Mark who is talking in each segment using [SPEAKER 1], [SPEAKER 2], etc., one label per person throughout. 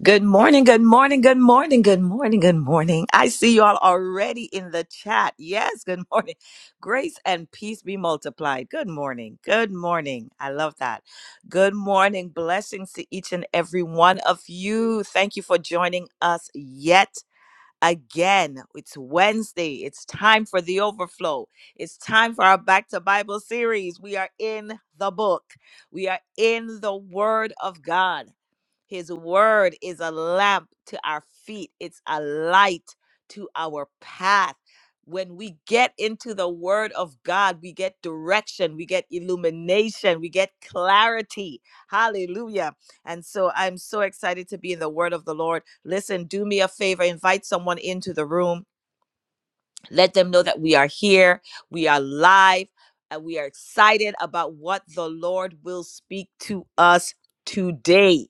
[SPEAKER 1] Good morning, good morning, good morning, good morning, good morning. I see you all already in the chat. Yes, good morning. Grace and peace be multiplied. Good morning, good morning. I love that. Good morning. Blessings to each and every one of you. Thank you for joining us yet again. It's Wednesday. It's time for the overflow. It's time for our Back to Bible series. We are in the book, we are in the Word of God. His word is a lamp to our feet, it's a light to our path. When we get into the word of God, we get direction, we get illumination, we get clarity. Hallelujah. And so I'm so excited to be in the word of the Lord. Listen, do me a favor, invite someone into the room. Let them know that we are here, we are live, and we are excited about what the Lord will speak to us today.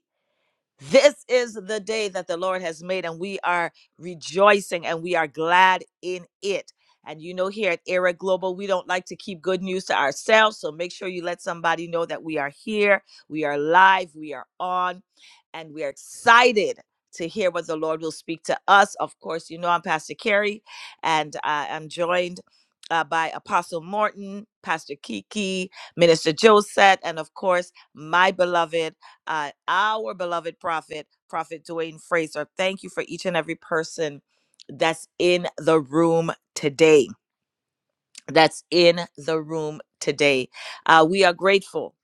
[SPEAKER 1] This is the day that the Lord has made, and we are rejoicing and we are glad in it. And you know, here at Era Global, we don't like to keep good news to ourselves. So make sure you let somebody know that we are here, we are live, we are on, and we are excited to hear what the Lord will speak to us. Of course, you know, I'm Pastor Carrie, and uh, I'm joined uh, by Apostle Morton, Pastor Kiki, Minister Josette, and of course, my beloved uh, our beloved prophet, Prophet Dwayne Fraser. Thank you for each and every person that's in the room today. That's in the room today. Uh, we are grateful.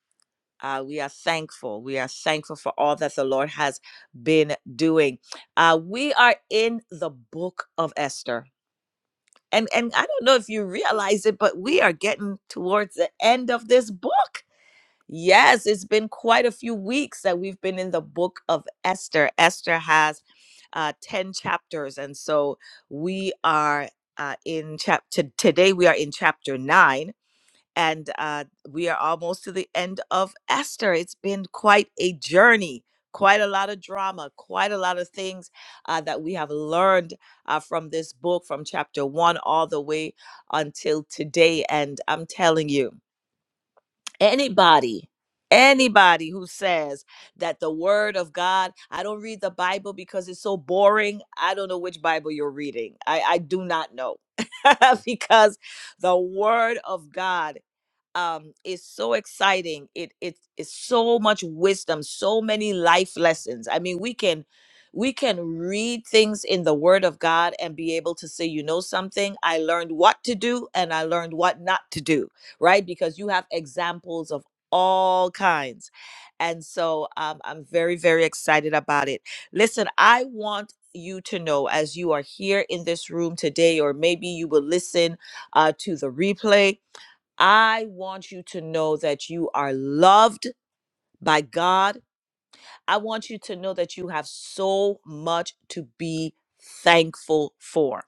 [SPEAKER 1] Uh, we are thankful. We are thankful for all that the Lord has been doing. Uh, we are in the book of Esther. And, and I don't know if you realize it, but we are getting towards the end of this book. Yes, it's been quite a few weeks that we've been in the book of Esther. Esther has uh, 10 chapters. And so we are uh, in chapter, today we are in chapter nine. And uh, we are almost to the end of Esther. It's been quite a journey, quite a lot of drama, quite a lot of things uh, that we have learned uh, from this book, from chapter one all the way until today. And I'm telling you, anybody anybody who says that the word of god i don't read the bible because it's so boring i don't know which bible you're reading i i do not know because the word of god um is so exciting it it is so much wisdom so many life lessons i mean we can we can read things in the word of god and be able to say you know something i learned what to do and i learned what not to do right because you have examples of all kinds and so um, i'm very very excited about it listen i want you to know as you are here in this room today or maybe you will listen uh, to the replay I want you to know that you are loved by God. I want you to know that you have so much to be thankful for.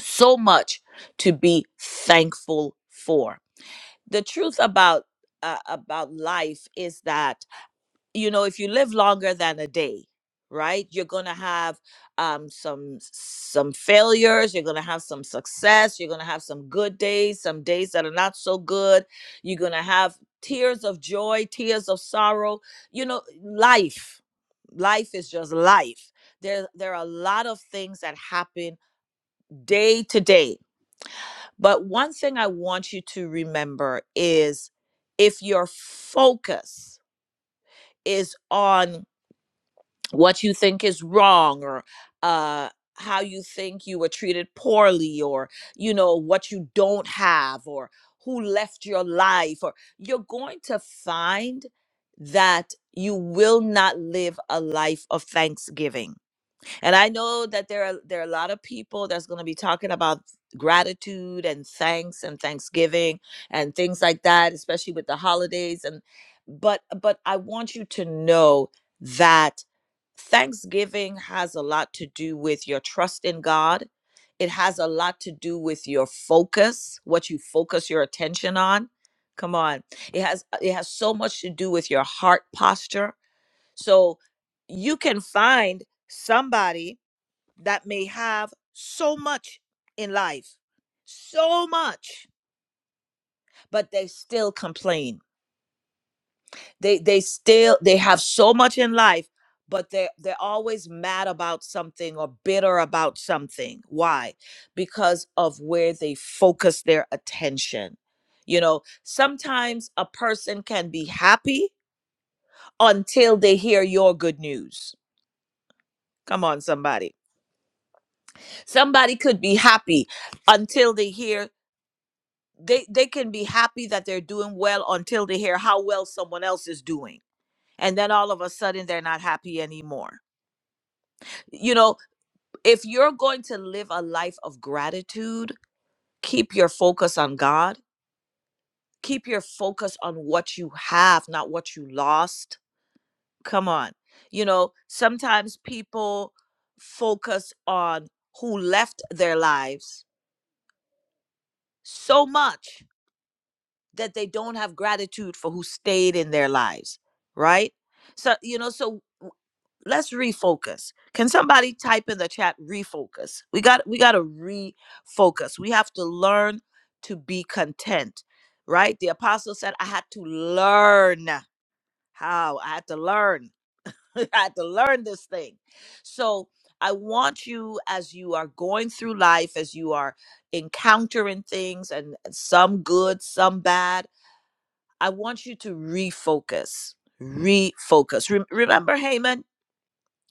[SPEAKER 1] So much to be thankful for. The truth about uh, about life is that you know if you live longer than a day right you're gonna have um some some failures you're gonna have some success you're gonna have some good days some days that are not so good you're gonna have tears of joy tears of sorrow you know life life is just life there there are a lot of things that happen day to day but one thing i want you to remember is if your focus is on what you think is wrong or uh how you think you were treated poorly or you know what you don't have or who left your life or you're going to find that you will not live a life of thanksgiving and i know that there are there are a lot of people that's going to be talking about gratitude and thanks and thanksgiving and things like that especially with the holidays and but but i want you to know that Thanksgiving has a lot to do with your trust in God. It has a lot to do with your focus, what you focus your attention on. Come on. It has it has so much to do with your heart posture. So you can find somebody that may have so much in life. So much, but they still complain they they still they have so much in life but they they're always mad about something or bitter about something why because of where they focus their attention you know sometimes a person can be happy until they hear your good news come on somebody somebody could be happy until they hear they they can be happy that they're doing well until they hear how well someone else is doing and then all of a sudden they're not happy anymore you know, if you're going to live a life of gratitude, keep your focus on God, keep your focus on what you have, not what you lost. Come on. You know, sometimes people focus on who left their lives so much that they don't have gratitude for who stayed in their lives, right? So, you know, so let's refocus. Can somebody type in the chat refocus? We got we got to refocus. We have to learn to be content, right? The apostle said I had to learn how I had to learn. I had to learn this thing. So I want you as you are going through life, as you are encountering things and and some good, some bad, I want you to refocus. Refocus. Rem- remember Haman?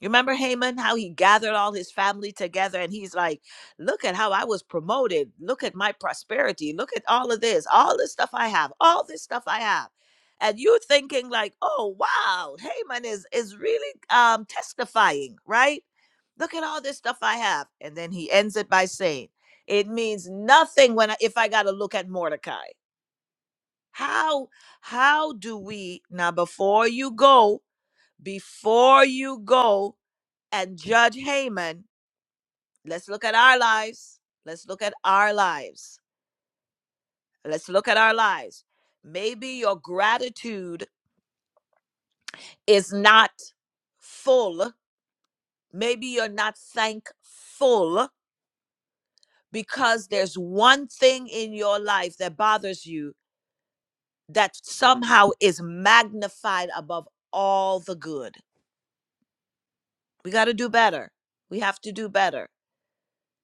[SPEAKER 1] You remember Haman, how he gathered all his family together and he's like, Look at how I was promoted. Look at my prosperity. Look at all of this, all this stuff I have, all this stuff I have. And you're thinking, like, oh wow, Haman is is really um testifying, right? Look at all this stuff I have. And then he ends it by saying, It means nothing when I, if I gotta look at Mordecai. How how do we now before you go, before you go? and Judge Haman, let's look at our lives. Let's look at our lives. Let's look at our lives. Maybe your gratitude is not full. Maybe you're not thankful because there's one thing in your life that bothers you that somehow is magnified above all the good. We got to do better. We have to do better.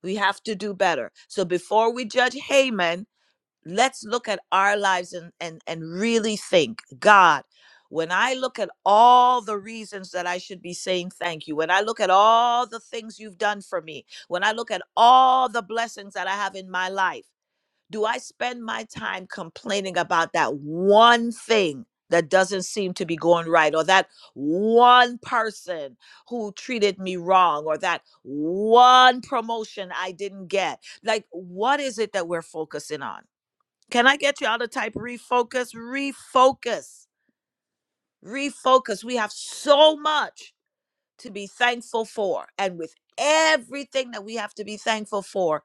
[SPEAKER 1] We have to do better. So before we judge Haman, let's look at our lives and and and really think god when i look at all the reasons that i should be saying thank you when i look at all the things you've done for me when i look at all the blessings that i have in my life do i spend my time complaining about that one thing that doesn't seem to be going right or that one person who treated me wrong or that one promotion i didn't get like what is it that we're focusing on can I get you all to type refocus? Refocus. Refocus. We have so much to be thankful for. And with everything that we have to be thankful for,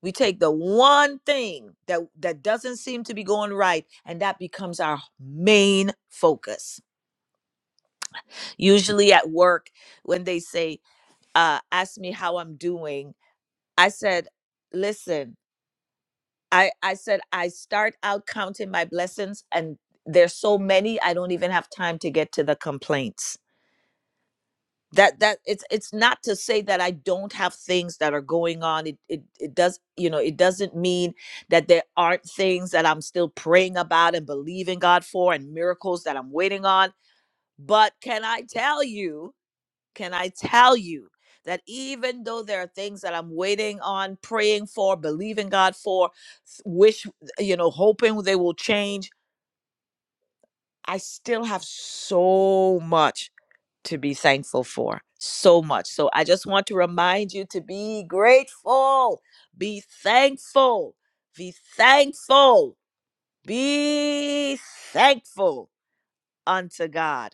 [SPEAKER 1] we take the one thing that, that doesn't seem to be going right, and that becomes our main focus. Usually at work, when they say, uh, Ask me how I'm doing, I said, Listen, I I said I start out counting my blessings and there's so many I don't even have time to get to the complaints. That that it's it's not to say that I don't have things that are going on. It it it does, you know, it doesn't mean that there aren't things that I'm still praying about and believing God for and miracles that I'm waiting on. But can I tell you can I tell you that even though there are things that I'm waiting on, praying for, believing God for, wish, you know, hoping they will change, I still have so much to be thankful for. So much. So I just want to remind you to be grateful, be thankful, be thankful, be thankful unto God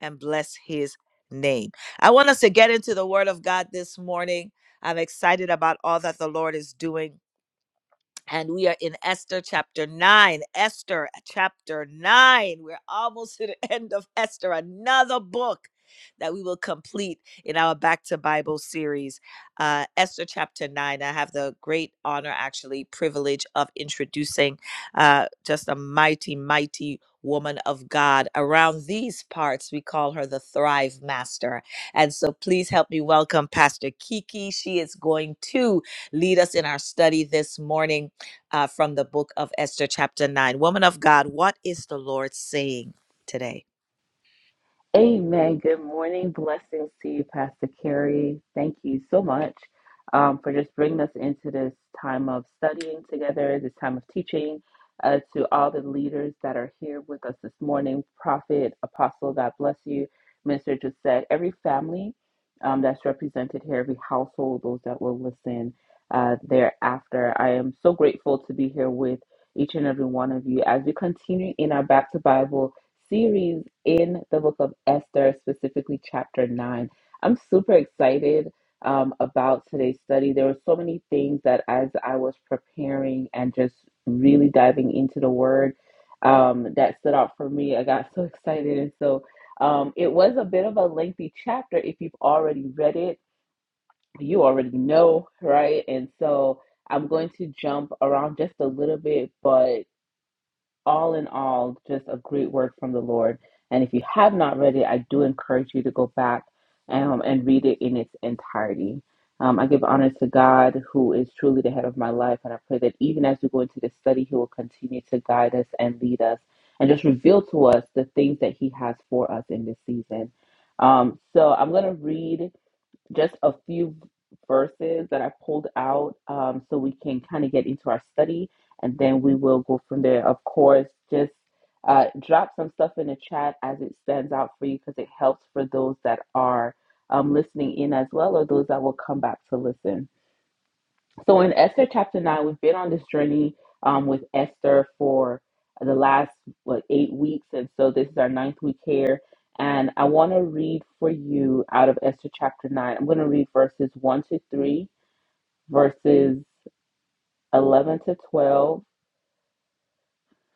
[SPEAKER 1] and bless his name. I want us to get into the word of God this morning. I'm excited about all that the Lord is doing and we are in Esther chapter 9. Esther chapter 9. We're almost to the end of Esther, another book that we will complete in our Back to Bible series. Uh, Esther chapter 9. I have the great honor, actually, privilege of introducing uh, just a mighty, mighty woman of God. Around these parts, we call her the Thrive Master. And so please help me welcome Pastor Kiki. She is going to lead us in our study this morning uh, from the book of Esther, chapter 9. Woman of God, what is the Lord saying today?
[SPEAKER 2] Amen. Good morning. Blessings to you, Pastor Carrie. Thank you so much um, for just bringing us into this time of studying together, this time of teaching. Uh, to all the leaders that are here with us this morning, Prophet, Apostle, God bless you. Minister just said, every family um, that's represented here, every household, those that will listen uh, thereafter. I am so grateful to be here with each and every one of you as we continue in our Back to Bible series in the book of Esther, specifically chapter 9. I'm super excited um, about today's study. There were so many things that as I was preparing and just really diving into the word um, that stood out for me, I got so excited. And so um, it was a bit of a lengthy chapter if you've already read it. You already know, right? And so I'm going to jump around just a little bit, but all in all, just a great word from the Lord. And if you have not read it, I do encourage you to go back um, and read it in its entirety. Um, I give honor to God, who is truly the head of my life, and I pray that even as we go into this study, He will continue to guide us and lead us, and just reveal to us the things that He has for us in this season. Um, so I'm going to read just a few verses that I pulled out um, so we can kind of get into our study and then we will go from there. Of course, just uh, drop some stuff in the chat as it stands out for you because it helps for those that are um, listening in as well or those that will come back to listen. So in Esther chapter nine, we've been on this journey um, with Esther for the last what eight weeks, and so this is our ninth week here. And I want to read for you out of Esther chapter nine. I'm going to read verses one to three, verses eleven to twelve,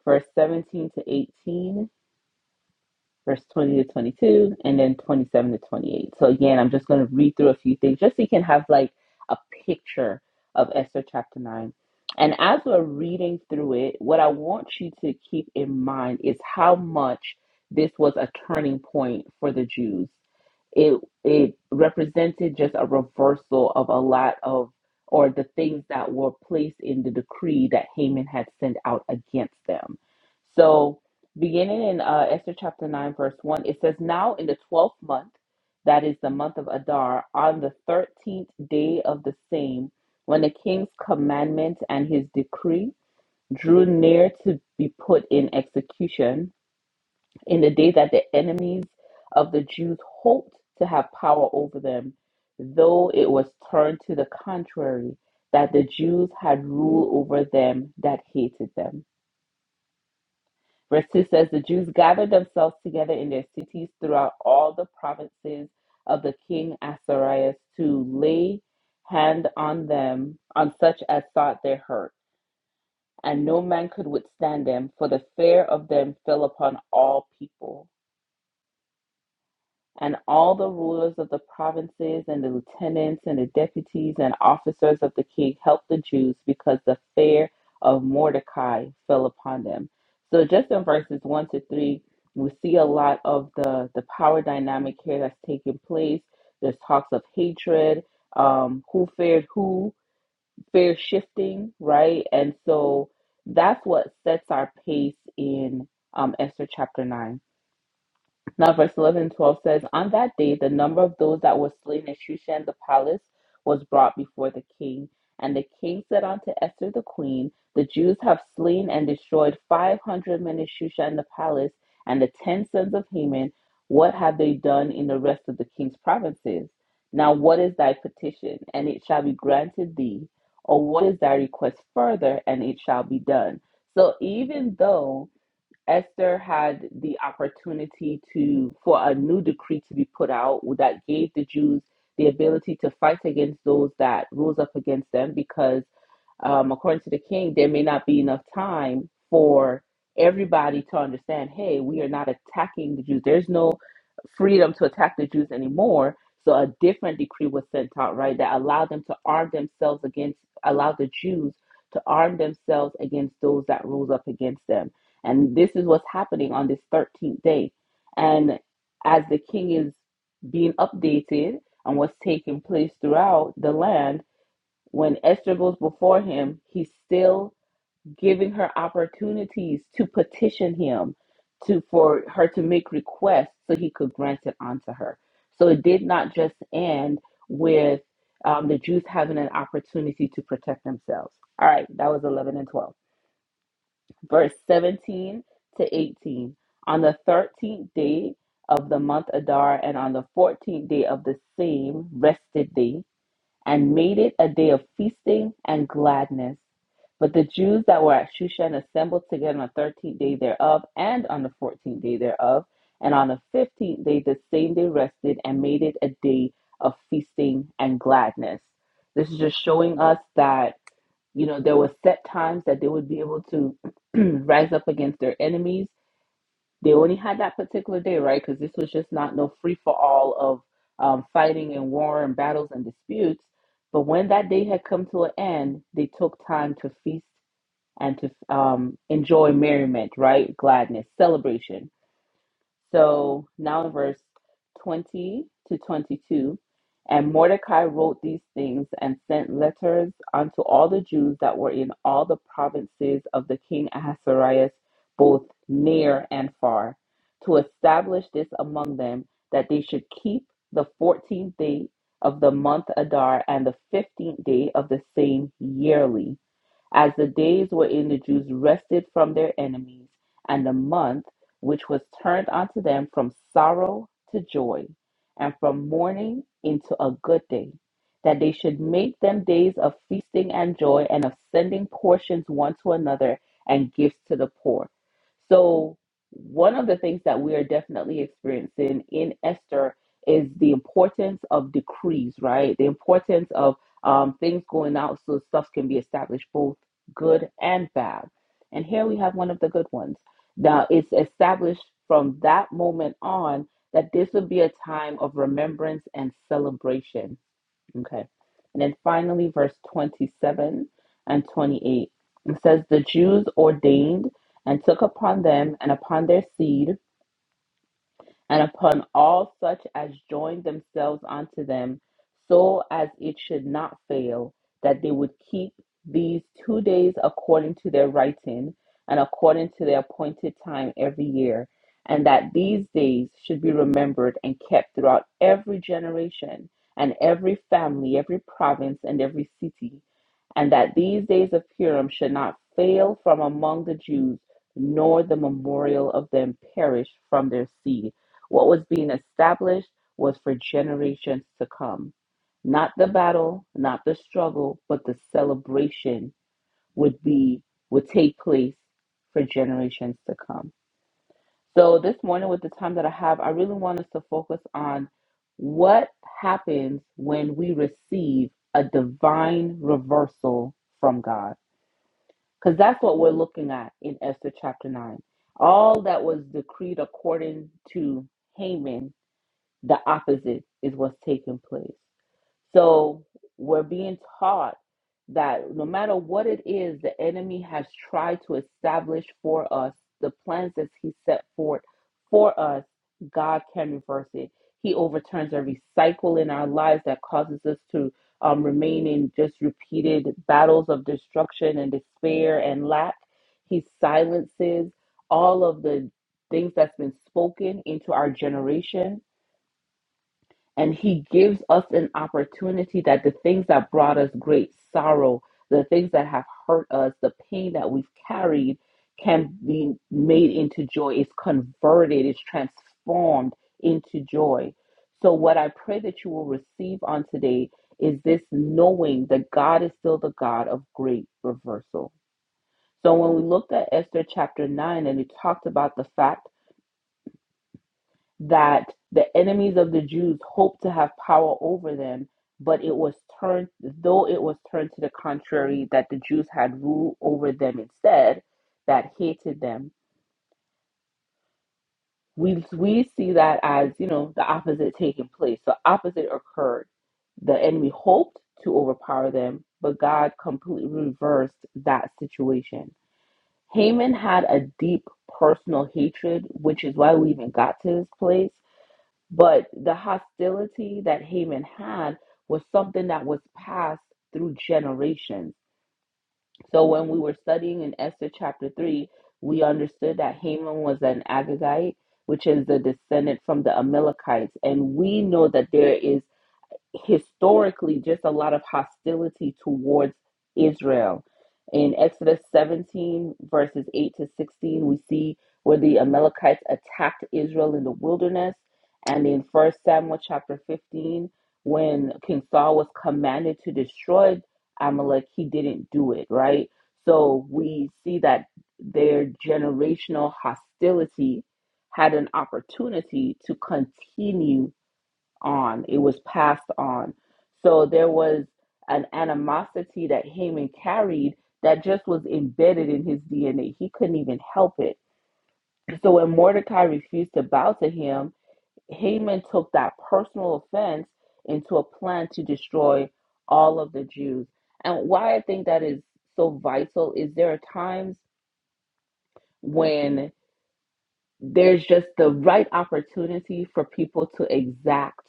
[SPEAKER 2] verse seventeen to eighteen, verse 20 to 22, and then 27 to 28. So again, I'm just going to read through a few things just so you can have like a picture of Esther chapter 9. And as we're reading through it, what I want you to keep in mind is how much this was a turning point for the Jews. It it represented just a reversal of a lot of or the things that were placed in the decree that Haman had sent out against them. So Beginning in uh, Esther chapter 9, verse 1, it says, Now in the 12th month, that is the month of Adar, on the 13th day of the same, when the king's commandment and his decree drew near to be put in execution, in the day that the enemies of the Jews hoped to have power over them, though it was turned to the contrary, that the Jews had rule over them that hated them. Verse 2 says, The Jews gathered themselves together in their cities throughout all the provinces of the king Asarius to lay hand on them, on such as sought their hurt. And no man could withstand them, for the fear of them fell upon all people and all the rulers of the provinces and the lieutenants and the deputies and officers of the king helped the Jews because the fear of Mordecai fell upon them. So just in verses one to three, we see a lot of the the power dynamic here that's taking place. There's talks of hatred, um, who feared who, fear shifting, right? And so that's what sets our pace in um, Esther chapter nine. Now, verse 11 and 12 says, On that day, the number of those that were slain in Shushan the palace was brought before the king. And the king said unto Esther the queen, The Jews have slain and destroyed 500 men in Shushan the palace, and the ten sons of Haman. What have they done in the rest of the king's provinces? Now, what is thy petition? And it shall be granted thee. Or what is thy request further? And it shall be done. So, even though Esther had the opportunity to for a new decree to be put out that gave the Jews the ability to fight against those that rose up against them because um, according to the king there may not be enough time for everybody to understand hey we are not attacking the Jews there's no freedom to attack the Jews anymore so a different decree was sent out right that allowed them to arm themselves against allowed the Jews to arm themselves against those that rose up against them and this is what's happening on this 13th day. And as the king is being updated on what's taking place throughout the land, when Esther goes before him, he's still giving her opportunities to petition him to for her to make requests so he could grant it onto her. So it did not just end with um, the Jews having an opportunity to protect themselves. All right, that was 11 and 12 verse 17 to 18. On the 13th day of the month Adar, and on the 14th day of the same rested day, and made it a day of feasting and gladness. But the Jews that were at Shushan assembled together on the 13th day thereof, and on the 14th day thereof, and on the 15th day the same day rested, and made it a day of feasting and gladness. This is just showing us that you know, there were set times that they would be able to rise up against their enemies. They only had that particular day, right? Because this was just not no free for all of um, fighting and war and battles and disputes. But when that day had come to an end, they took time to feast and to um, enjoy merriment, right? Gladness, celebration so now in verse 20 to 22, and Mordecai wrote these things and sent letters unto all the Jews that were in all the provinces of the king Ahasuerus, both near and far, to establish this among them that they should keep the 14th day of the month Adar and the 15th day of the same yearly as the days wherein the Jews rested from their enemies, and the month which was turned unto them from sorrow to joy, and from mourning into a good day, that they should make them days of feasting and joy, and of sending portions one to another, and gifts to the poor. So, one of the things that we are definitely experiencing in Esther is the importance of decrees, right? The importance of um, things going out so stuff can be established, both good and bad. And here we have one of the good ones. Now it's established from that moment on that this would be a time of remembrance and celebration. Okay. And then finally, verse 27 and 28 it says, The Jews ordained and took upon them and upon their seed and upon all such as join themselves unto them, so as it should not fail, that they would keep these two days according to their writing and according to their appointed time every year, and that these days should be remembered and kept throughout every generation and every family, every province, and every city, and that these days of Purim should not fail from among the Jews, nor the memorial of them perish from their seed. What was being established was for generations to come. Not the battle, not the struggle, but the celebration would be would take place for generations to come. So this morning with the time that I have, I really want us to focus on what happens when we receive a divine reversal from God. Because that's what we're looking at in Esther chapter 9. All that was decreed according to Haman the opposite is what's taking place. So we're being taught that no matter what it is the enemy has tried to establish for us, the plans that he set forth for us, God can reverse it. He overturns every cycle in our lives that causes us to um, remain in just repeated battles of destruction and despair and lack. He silences all of the things that's been spoken into our generation and he gives us an opportunity that the things that brought us great sorrow, the things that have hurt us, the pain that we've carried can be made into joy. It's converted, it's transformed into joy. So, what I pray that you will receive on today is this knowing that God is still the God of great reversal. So, when we looked at Esther chapter 9 and it talked about the fact that the enemies of the Jews hoped to have power over them, but it was turned, though it was turned to the contrary, that the Jews had rule over them instead, that hated them. We, we see that as, you know, the opposite taking place. The opposite occurred. The enemy hoped to overpower them, but God completely reversed that situation. Haman had a deep personal hatred, which is why we even got to this place But the hostility that Haman had was something that was passed through generations. So when we were studying in Esther chapter 3, we understood that Haman was an Agagite, which is a descendant from the Amalekites. And we know that there is historically just a lot of hostility towards Israel. In Exodus 17, verses 8 to 16, we see where the Amalekites attacked Israel in the wilderness. And in First Samuel chapter 15, when King Saul was commanded to destroy Amalek, he didn't do it, right? So we see that their generational hostility had an opportunity to continue on, it was passed on. So there was an animosity that Haman carried that just was embedded in his DNA. He couldn't even help it. So when Mordecai refused to bow to him, Haman took that personal offense into a plan to destroy all of the Jews. And why I think that is so vital is there are times when there's just the right opportunity for people to exact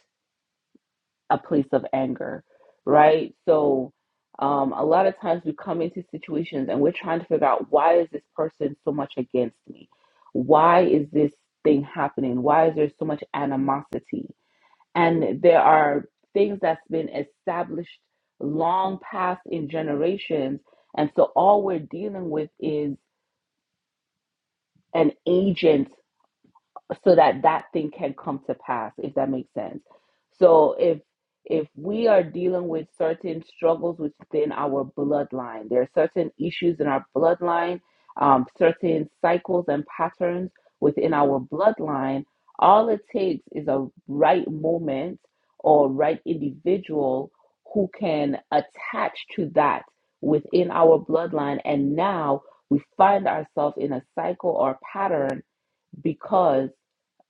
[SPEAKER 2] a place of anger, right? So um, a lot of times we come into situations and we're trying to figure out why is this person so much against me? Why is this thing happening? Why is there so much animosity? And there are things that's been established long past in generations. And so all we're dealing with is an agent so that that thing can come to pass if that makes sense so if if we are dealing with certain struggles within our bloodline there are certain issues in our bloodline um, certain cycles and patterns within our bloodline all it takes is a right moment or right individual who can attach to that within our bloodline and now we find ourselves in a cycle or pattern because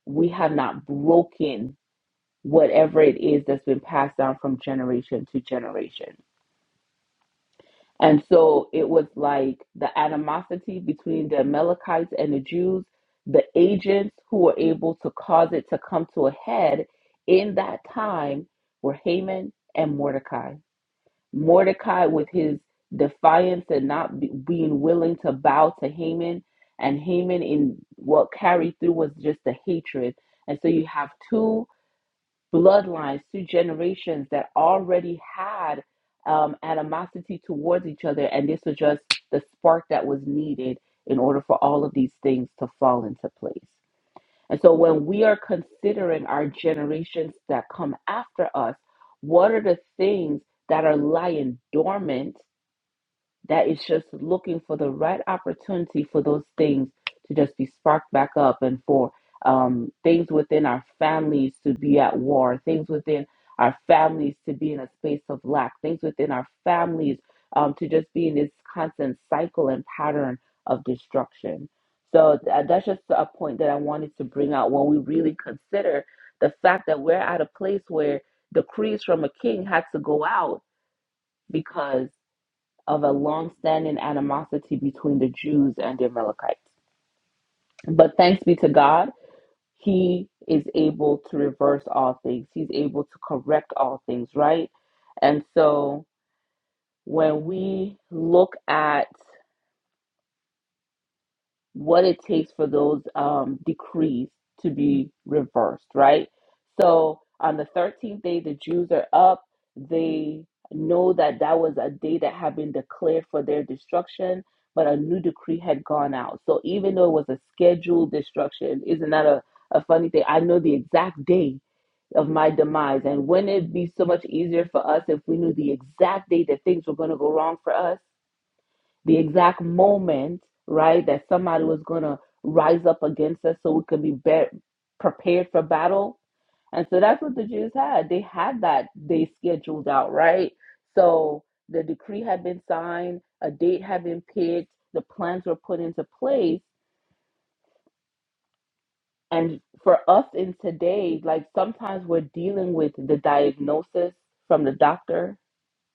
[SPEAKER 2] we have not broken whatever it is that's been passed down from generation to generation. And so it was like the animosity between the Amalekites and the Jews, the agents who were able to cause it to come to a head in that time were Haman and Mordecai. Mordecai, with his defiance and not be, being willing to bow to Haman, and Haman in what carried through was just the hatred. And so you have two bloodlines, two generations that already had um, animosity towards each other, and this was just the spark that was needed in order for all of these things to fall into place. And so when we are considering our generations that come after us, what are the things that are lying dormant that is just looking for the right opportunity for those things to just be sparked back up and for um, things within our families to be at war, things within our families to be in a space of lack, things within our families um, to just be in this constant cycle and pattern of destruction. So th- that's just a point that I wanted to bring out when we really consider the fact that we're at a place where decrees from a king had to go out because of a long-standing animosity between the Jews and the Amalekites. But thanks be to God, He is able to reverse all things. He's able to correct all things, right? And so when we look at what it takes for those um, decrees to be reversed, right? So on the 13th day, the Jews are up. They know that that was a day that had been declared for their destruction, but a new decree had gone out. So even though it was a scheduled destruction, isn't that a, a funny thing? I know the exact day of my demise. And wouldn't it be so much easier for us if we knew the exact day that things were going to go wrong for us? the exact moment, right, that somebody was going to rise up against us so we could be, be prepared for battle. And so that's what the Jews had. They had that day scheduled out, right? So the decree had been signed, a date had been picked, the plans were put into place. And for us in today, like sometimes we're dealing with the diagnosis from the doctor,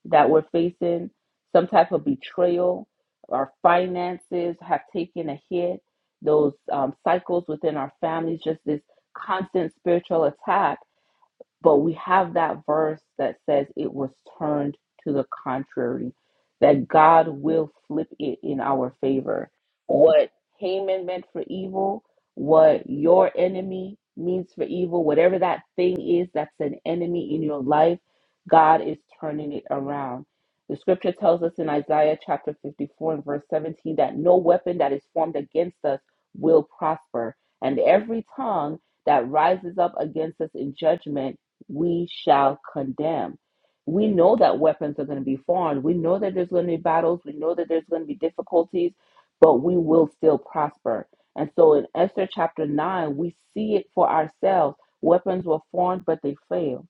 [SPEAKER 2] that we're facing, some type of betrayal, our finances have taken a hit, those um, cycles within our families, just this constant spiritual attack. But we have that verse that says it was turned to the contrary, that God will flip it in our favor. What Haman meant for evil, what your enemy means for evil, whatever that thing is that's an enemy in your life, God is turning it around. The scripture tells us in Isaiah chapter 54 and verse 17 that no weapon that is formed against us will prosper, and every tongue that rises up against us in judgment we shall condemn. We know that weapons are going to be formed. We know that there's going to be battles. We know that there's going to be difficulties, but we will still prosper. And so in Esther chapter 9, we see it for ourselves. Weapons were formed, but they failed.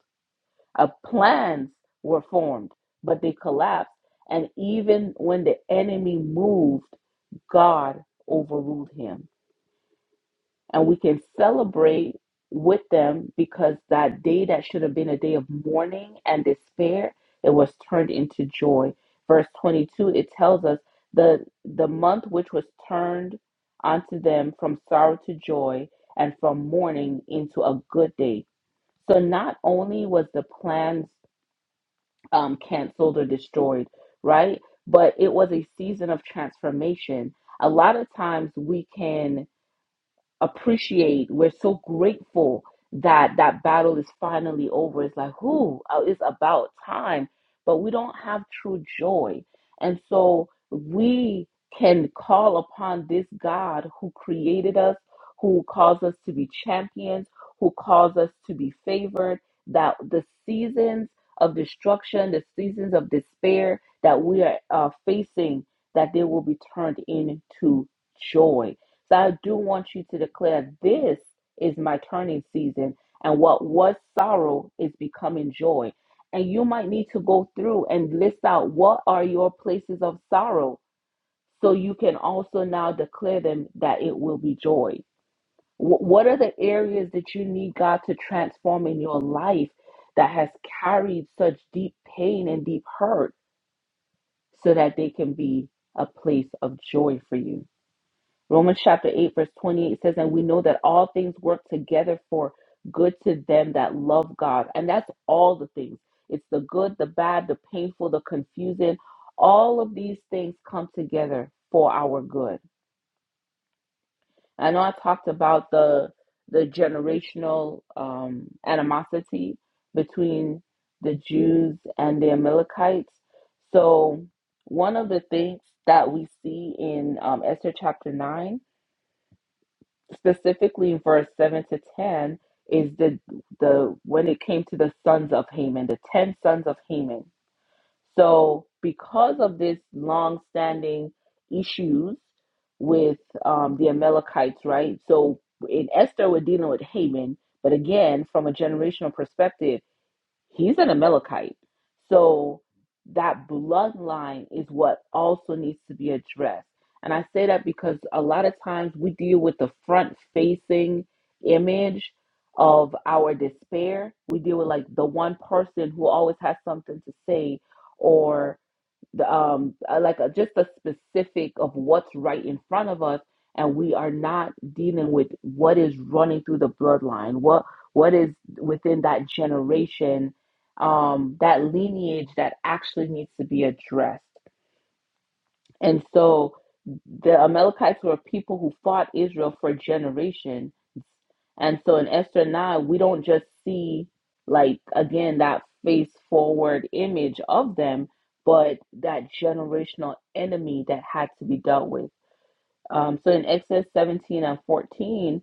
[SPEAKER 2] Uh, plans were formed, but they collapsed. And even when the enemy moved, God overruled him and we can celebrate with them because that day that should have been a day of mourning and despair it was turned into joy verse 22 it tells us the the month which was turned unto them from sorrow to joy and from mourning into a good day so not only was the plans um, canceled or destroyed, right? But it was a season of transformation. A lot of times we can appreciate. We're so grateful that that battle is finally over. It's like, whoo, uh, it's about time. But we don't have true joy. And so we can call upon this God who created us, who calls us to be champions, who calls us to be favored, that the seasons of destruction, the seasons of despair that we are uh, facing, that they will be turned into joy so I do want you to declare this is my turning season, and what was sorrow is becoming joy. And you might need to go through and list out what are your places of sorrow so you can also now declare them that it will be joy. Wh- What are the areas that you need God to transform in your life that has carried such deep pain and deep hurt so that they can be a place of joy for you? Romans chapter 8, verse 28 says, And we know that all things work together for good to them that love God. And that's all the things it's the good, the bad, the painful, the confusing. All of these things come together for our good. I know I talked about the the generational um, animosity between the Jews and the Amalekites. So one of the things that we see in um, Esther chapter nine specifically verse 7 to 10 is the the when it came to the sons of Haman the 10 sons of Haman so because of this long standing issues with um, the Amalekites right so in Esther we're dealing with Haman but again from a generational perspective He's an Amalekite. So that bloodline is what also needs to be addressed. And I say that because a lot of times we deal with the front facing image of our despair. We deal with like the one person who always has something to say or the, um, uh, like a, just a specific of what's right in front of us, and we are not dealing with what is running through the bloodline, what what is within that generation, um, that lineage that actually needs to be addressed. And so the Amalekites were a people who fought Israel for generations. And so in Esther 9, we don't just see, like, again, that face forward image of them, but that generational enemy that had to be dealt with. Um, so in Exodus 17 and 14,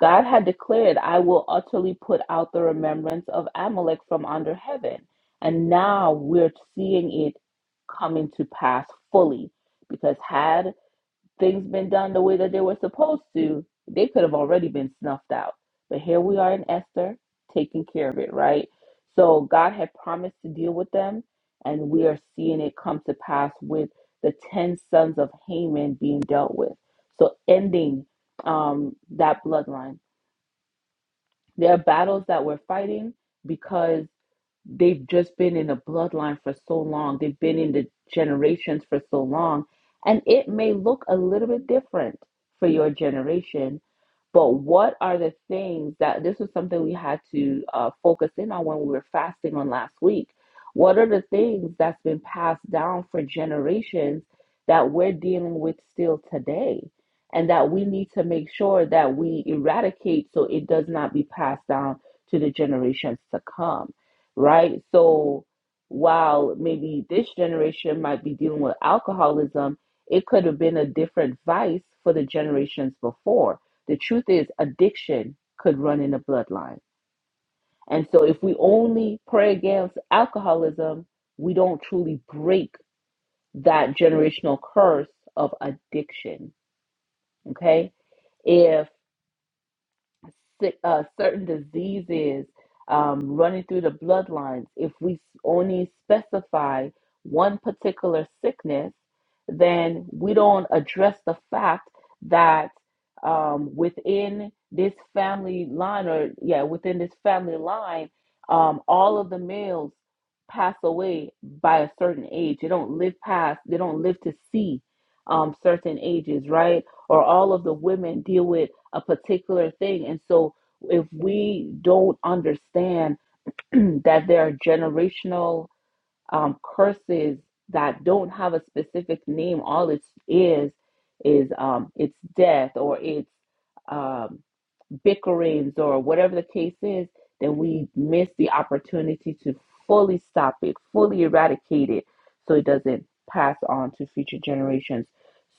[SPEAKER 2] God had declared, I will utterly put out the remembrance of Amalek from under heaven. And now we're seeing it coming to pass fully. Because had things been done the way that they were supposed to, they could have already been snuffed out. But here we are in Esther taking care of it, right? So God had promised to deal with them, and we are seeing it come to pass with the 10 sons of Haman being dealt with. So ending um, that bloodline there are battles that we're fighting because they've just been in the bloodline for so long, they've been in the generations for so long, and it may look a little bit different for your generation. But what are the things that this was something we had to uh, focus in on when we were fasting on last week? What are the things that's been passed down for generations that we're dealing with still today? And that we need to make sure that we eradicate so it does not be passed down to the generations to come right? So while maybe this generation might be dealing with alcoholism, it could have been a different vice for the generations before. The truth is, addiction could run in the bloodline. And so if we only pray against alcoholism, we don't truly break that generational curse of addiction, okay? if. sick, uh, certain diseases um, running through the bloodlines. If we only specify one particular sickness, then we don't address the fact that um, within this family line, or yeah, within this family line, um, all of the males pass away by a certain age. They don't live past. They don't live to see um, certain ages, right? or all of the women deal with a particular thing. And so if we don't understand that there are generational um, curses that don't have a specific name, all it is is um, it's death or it's um, bickerings or whatever the case is, then we miss the opportunity to fully stop it, fully eradicate it, so it doesn't pass on to future generations.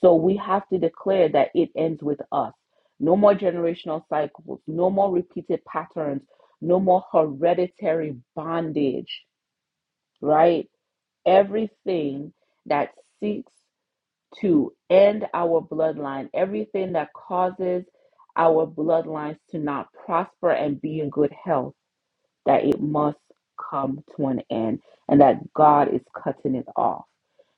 [SPEAKER 2] So we have to declare that it ends with us. No more generational cycles, no more repeated patterns, no more hereditary bondage, right? Everything that seeks to end our bloodline, everything that causes our bloodlines to not prosper and be in good health that it must come to an end and that God is cutting it off.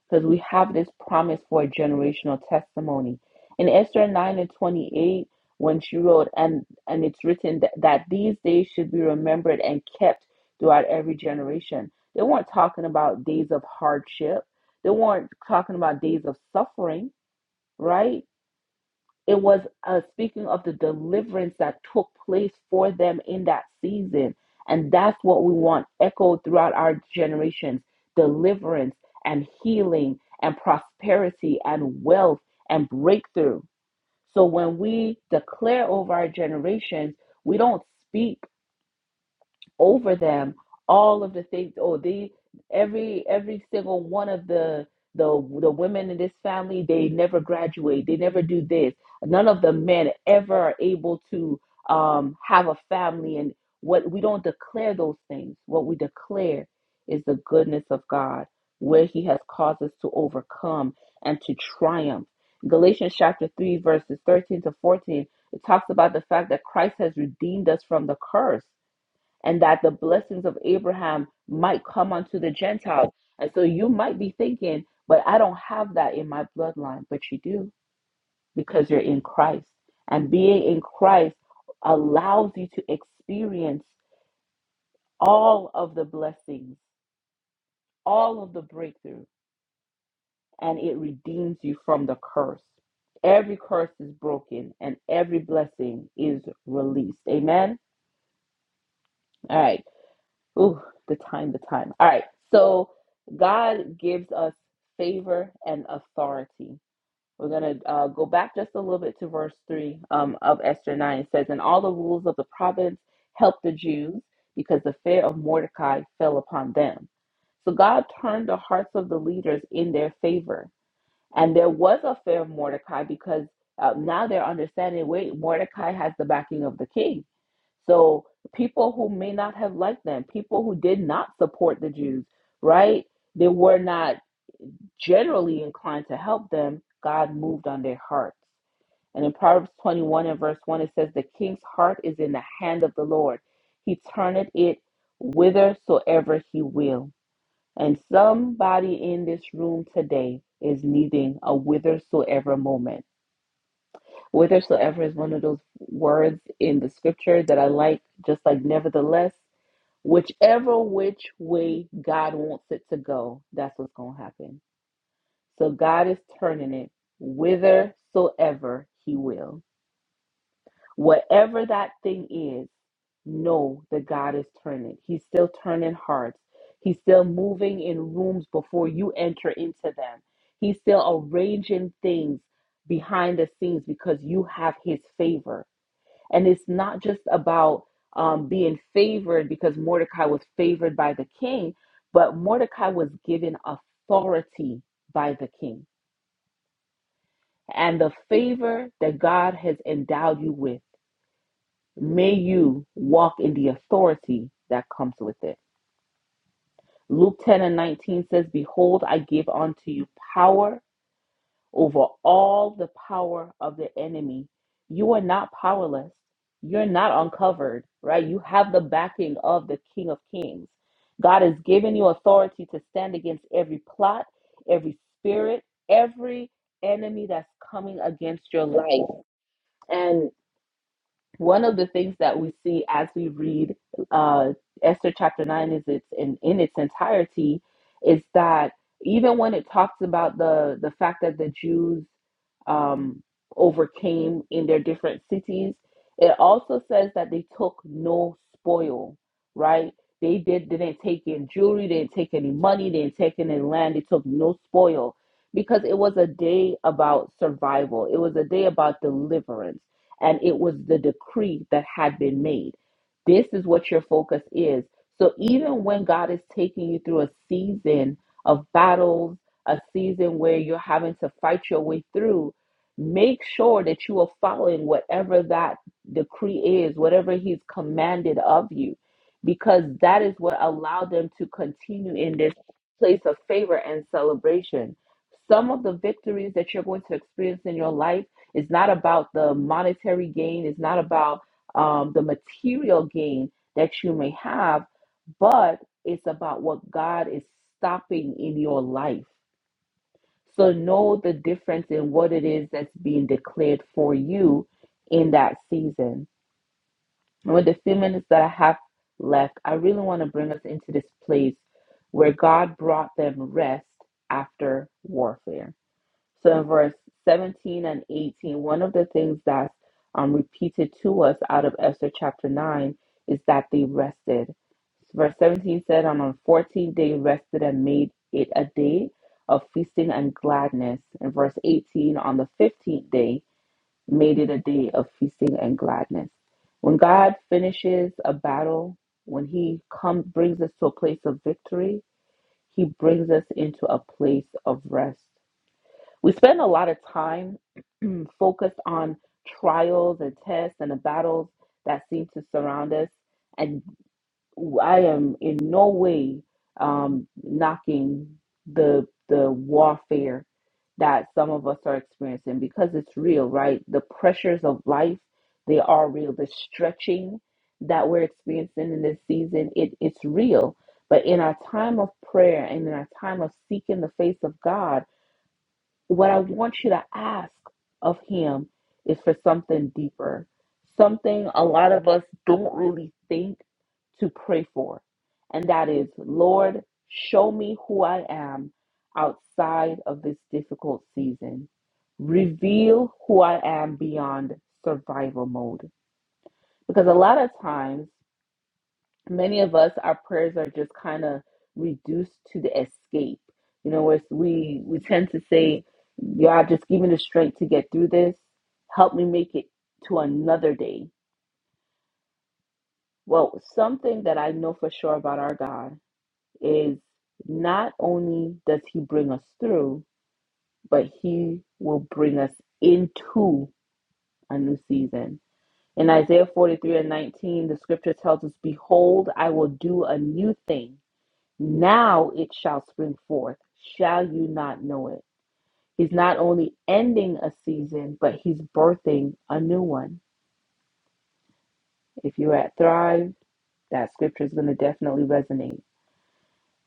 [SPEAKER 2] Because we have this promise for a generational testimony. In Esther 9 and 28, when she wrote, and, and it's written that, that these days should be remembered and kept throughout every generation. They weren't talking about days of hardship, they weren't talking about days of suffering, right? It was uh, speaking of the deliverance that took place for them in that season. And that's what we want echoed throughout our generations deliverance and healing and prosperity and wealth and breakthrough. So when we declare over our generations, we don't speak over them all of the things oh the every every single one of the the the women in this family they never graduate they never do this none of the men ever are able to um have a family and what we don't declare those things what we declare is the goodness of god where he has caused us to overcome and to triumph galatians chapter 3 verses 13 to 14 it talks about the fact that christ has redeemed us from the curse and that the blessings of Abraham might come unto the Gentiles. And so you might be thinking, but I don't have that in my bloodline. But you do because you're in Christ. And being in Christ allows you to experience all of the blessings, all of the breakthrough, and it redeems you from the curse. Every curse is broken and every blessing is released. Amen. All right. Ooh, the time, the time. All right. So God gives us favor and authority. We're going to uh, go back just a little bit to verse 3 um, of Esther 9. It says, And all the rules of the province helped the Jews because the fear of Mordecai fell upon them. So God turned the hearts of the leaders in their favor. And there was a fear of Mordecai because uh, now they're understanding wait, Mordecai has the backing of the king. So people who may not have liked them, people who did not support the Jews, right? They were not generally inclined to help them. God moved on their hearts. And in Proverbs 21 and verse 1, it says, The king's heart is in the hand of the Lord. He turneth it whithersoever he will. And somebody in this room today is needing a whithersoever moment. Whithersoever is one of those words in the scripture that I like, just like nevertheless, whichever which way God wants it to go, that's what's going to happen. So God is turning it whithersoever He will. Whatever that thing is, know that God is turning. He's still turning hearts. He's still moving in rooms before you enter into them. He's still arranging things behind the scenes because you have his favor. And it's not just about um, being favored because Mordecai was favored by the king, but Mordecai was given authority by the king. And the favor that God has endowed you with. May you walk in the authority that comes with it. Luke 10 and 19 says, Behold, I give unto you power over all the power of the enemy. You are not powerless. You're not uncovered, right? You have the backing of the King of Kings. God has given you authority to stand against every plot, every spirit, every enemy that's coming against your life. and one of the things that we see as we read uh, Esther chapter nine is it's in, in its entirety is that even when it talks about the the fact that the Jews um, overcame in their different cities, it also says that they took no spoil, right? They did they didn't take in jewelry, they didn't take any money, they didn't take any land, they took no spoil because it was a day about survival. It was a day about deliverance and it was the decree that had been made. This is what your focus is. So even when God is taking you through a season of battles, a season where you're having to fight your way through, make sure that you are following whatever that decree is, whatever He's commanded of you, because that is what allowed them to continue in this place of favor and celebration. Some of the victories that you're going to experience in your life it's not about the monetary gain. It's not about um, the material gain that you may have, but it's about what God is stopping in your life. So know the difference in what it is that's being declared for you in that season. And with the few minutes that I have left, I really want to bring us into this place where God brought them rest after warfare. So in verse 17 and eighteen, one of the things that's um, repeated to us out of Esther chapter 9 is that they rested. Verse 17 said, And on 14th day rested and made it a day of feasting and gladness. And verse 18, on the 15th day, made it a day of feasting and gladness. When God finishes a battle, when He comes brings us to a place of victory, He brings us into a place of rest we spend a lot of time focused on trials and tests and the battles that seem to surround us. And I am in no way um, knocking the the warfare that some of us are experiencing because it's real, right? The pressures of life they are real. The stretching that we're experiencing in this season it, it's real. But in our time of prayer and in our time of seeking the face of God what I want you to ask of him is for something deeper, something a lot of us don't really think to pray for. And that is, Lord, show me who I am outside of this difficult season. Reveal who I am beyond survival mode. Because a lot of times many of us our prayers are just kind of reduced to the escape you know where we we tend to say god just give me the strength to get through this help me make it to another day well something that i know for sure about our god is not only does he bring us through but he will bring us into a new season in isaiah 43 and 19 the scripture tells us behold i will do a new thing Now it shall spring forth. Shall you not know it? He's not only ending a season, but he's birthing a new one. If you're at Thrive, that scripture is going to definitely resonate.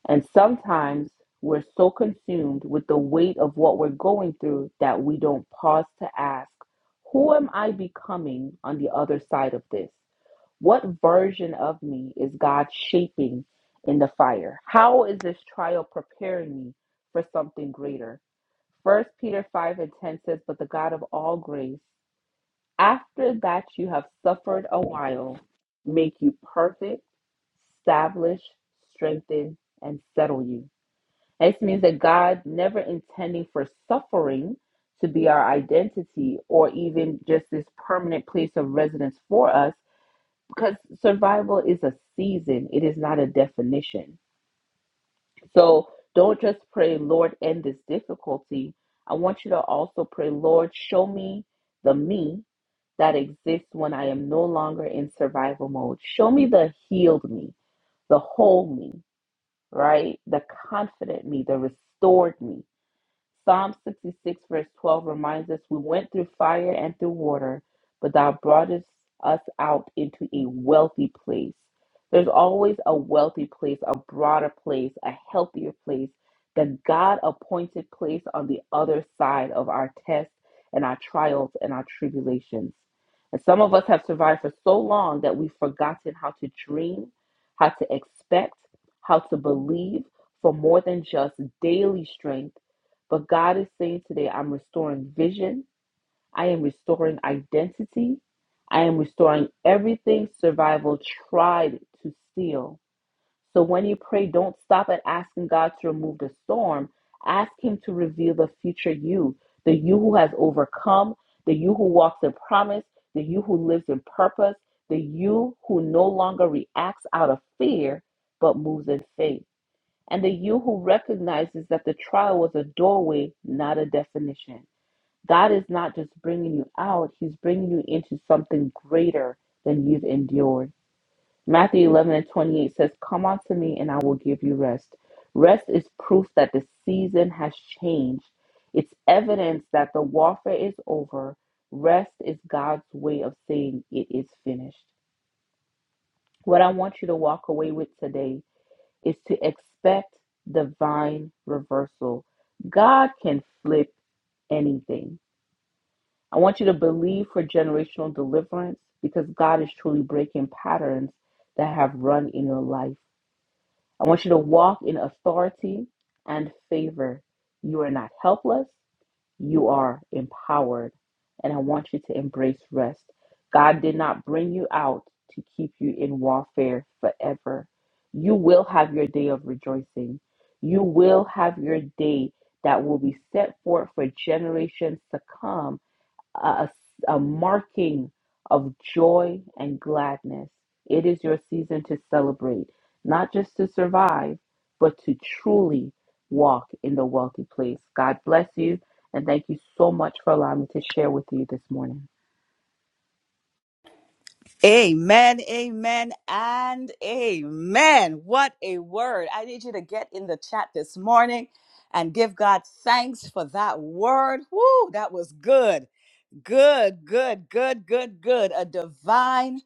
[SPEAKER 2] And sometimes we're so consumed with the weight of what we're going through that we don't pause to ask, Who am I becoming on the other side of this? What version of me is God shaping in the fire? How is this trial preparing me for something greater? First Peter 5 and 10 says, But the God of all grace, after that you have suffered a while, make you perfect, establish, strengthen, and settle you. This means that God never intending for suffering to be our identity or even just this permanent place of residence for us because survival is a season, it is not a definition. So don't just pray, Lord, end this difficulty. I want you to also pray, Lord, show me the me that exists when I am no longer in survival mode. Show me the healed me, the whole me, right? The confident me, the restored me Psalm 66, verse 12 reminds us we went through fire and through water, but thou broughtest us out into a wealthy place. There's always a wealthy place, a broader place, a healthier place, the God appointed place on the other side of our tests and our trials and our tribulations. And some of us have survived for so long that we've forgotten how to dream, how to expect, how to believe for more than just daily strength but God is saying today, I'm restoring vision. I am restoring identity. I am restoring everything survival tried to steal. So when you pray, don't stop at asking God to remove the storm. Ask Him to reveal the future you, the you who has overcome, the you who walks in promise, the you who lives in purpose, the you who no longer reacts out of fear, but moves in faith and the you who recognizes that the trial was a doorway, not a definition. God is not just bringing you out, He's bringing you into something greater than you've endured. Matthew 11 and 28 says, Come unto me, and I will give you rest. Rest is proof that the season has changed, it's evidence that the warfare is over. Rest is God's way of saying it is finished. What I want you to walk away with today is to expect divine reversal. God can flip anything. I want you to believe for generational deliverance because God is truly breaking patterns that have run in your life. I want you to walk in authority and favor. You are not helpless, you are empowered. And I want you to embrace rest. God did not bring you out to keep you in warfare forever. You will have your day of rejoicing. You will have your day that will be set forth for generations to come a, a marking of joy and gladness. It is your season to celebrate, not just to survive, but to truly walk in the wealthy place. God bless you, and thank you so much for allowing me to share with you this morning.
[SPEAKER 1] Amen, amen, and amen. What a word. I need you to get in the chat this morning and give God thanks for that word. Woo, that was good. Good, good, good, good, good. A divine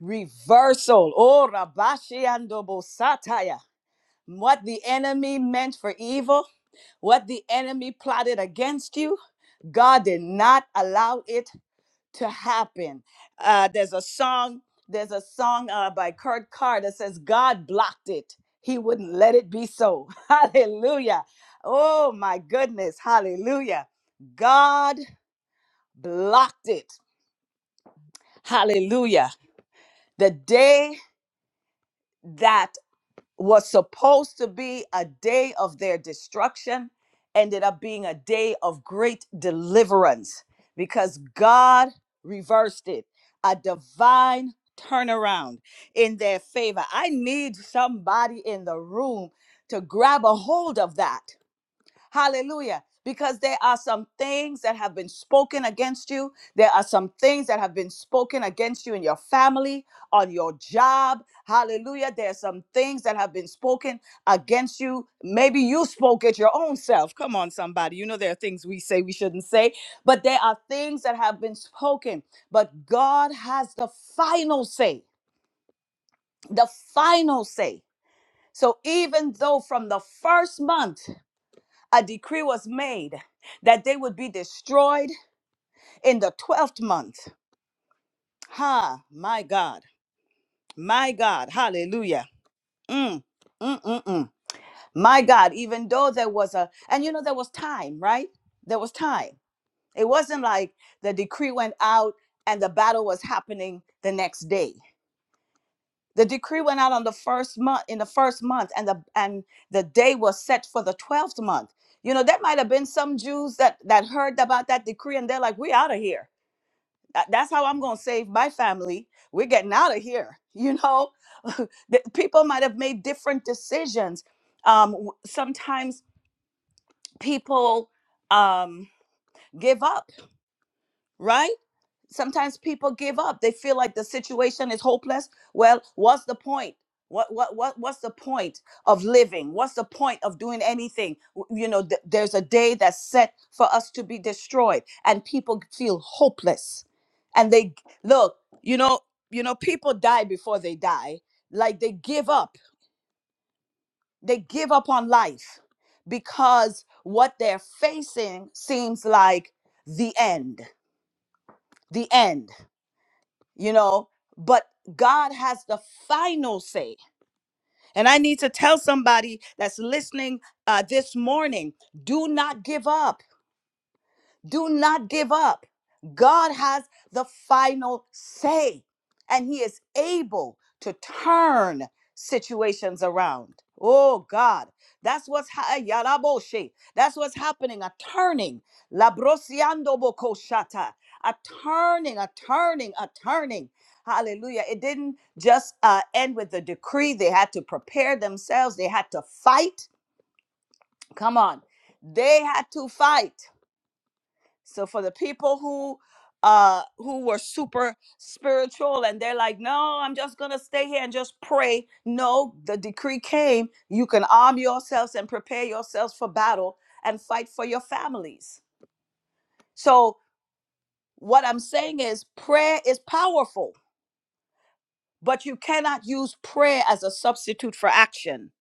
[SPEAKER 1] reversal. Oh, Rabashi Andobo Sataya. What the enemy meant for evil, what the enemy plotted against you. God did not allow it to happen. Uh, there's a song, there's a song uh, by Kurt Carr that says, God blocked it. He wouldn't let it be so. Hallelujah. Oh my goodness. Hallelujah. God blocked it. Hallelujah. The day that was supposed to be a day of their destruction ended up being a day of great deliverance because God reversed it, a divine turnaround in their favor. I need somebody in the room to grab a hold of that Hallelujah. Because there are some things that have been spoken against you. There are some things that have been spoken against you in your family, on your job. Hallelujah. There are some things that have been spoken against you. Maybe you spoke it your own self. Come on, somebody. You know, there are things we say we shouldn't say, but there are things that have been spoken. But God has the final say, the final say. So even though from the first month, a decree was made that they would be destroyed in the 12th month. Ha, my God, my God, hallelujah. Mm, mm, mm, mm. My God, even though there was a, and you know, there was time, right? There was time. It wasn't like the decree went out and the battle was happening the next day. The decree went out on the first month in the first month, and the and the day was set for the twelfth month. You know, that might have been some Jews that that heard about that decree and they're like, "We out of here. That- That's how I'm going to save my family. We're getting out of here." You know, The- people might have made different decisions. Um, w- sometimes people um, give up, right? sometimes people give up they feel like the situation is hopeless well what's the point what what what what's the point of living what's the point of doing anything W- you know th- there's a day that's set for us to be destroyed and people feel hopeless and they look you know you know people die before they die like they give up they give up on life because what they're facing seems like the end the end you know but god has the final say and i need to tell somebody that's listening uh, this morning do not give up do not give up. God has the final say, and He is able to turn situations around. Oh God, that's what's ha- eh, yaraboshe. That's what's happening. A turning, labrosiando bokoshata. A turning, a turning, a turning. Hallelujah. It didn't just uh, end with the decree. They had to prepare themselves. They had to fight. Come on. They had to fight. So for the people who uh who were super spiritual and they're like, "No, I'm just going to stay here and just pray." No, the decree came, you can arm yourselves and prepare yourselves for battle and fight for your families. So what I'm saying is prayer is powerful, but you cannot use prayer as a substitute for action.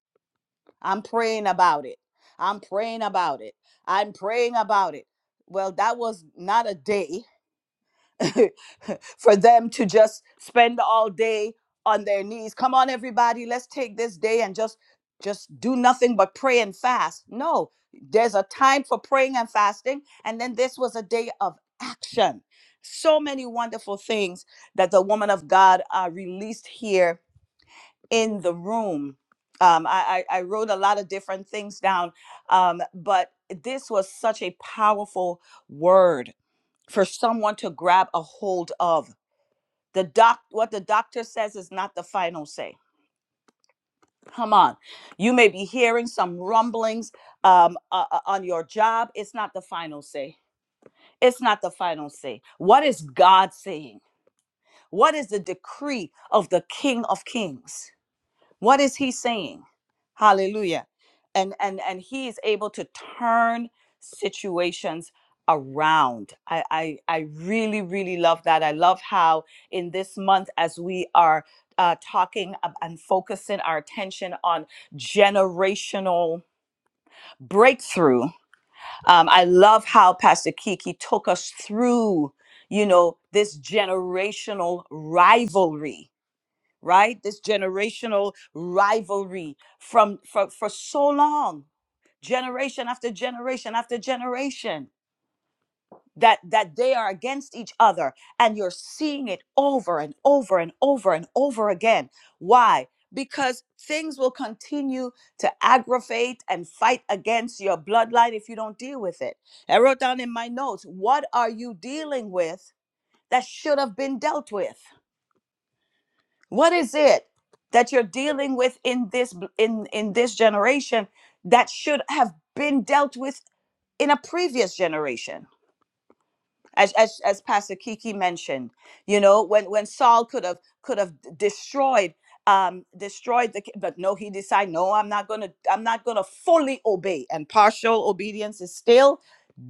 [SPEAKER 1] I'm praying about it. I'm praying about it. I'm praying about it. Well, that was not a day. for them to just spend all day on their knees. Come on, everybody, let's take this day and just just do nothing but pray and fast. No, there's a time for praying and fasting, and then this was a day of action. So many wonderful things that the woman of God uh, released here in the room. Um, I, I, I wrote a lot of different things down, um, but this was such a powerful word for someone to grab a hold of. The doc, what the doc have to say. Come on, you means um, a, a a job is final say. It's not the final say. What is God saying? What is the decree of the King of Kings? What is He saying? Hallelujah. And and and He learned around. I, I I really really love that. I love how in this month as we are uh, talking and focusing our attention on generational breakthrough, um, I love how Pastor Kiki took us through. You know this generational rivalry, right? This generational rivalry from for for so long, generation after generation after generation that that they are against each other and you're seeing it over and over and over and over again why because things will continue to aggravate and fight against your bloodline if you don't deal with it i wrote down in my notes what are you dealing with that should have been dealt with what is it that you're dealing with in this bl- in in this generation that should have been dealt with in a previous generation as as as Pastor Kiki mentioned, you know, when when Saul could have could have destroyed um destroyed the ki- but no he decided no i'm not gonna i'm not gonna fully obey and partial obedience is still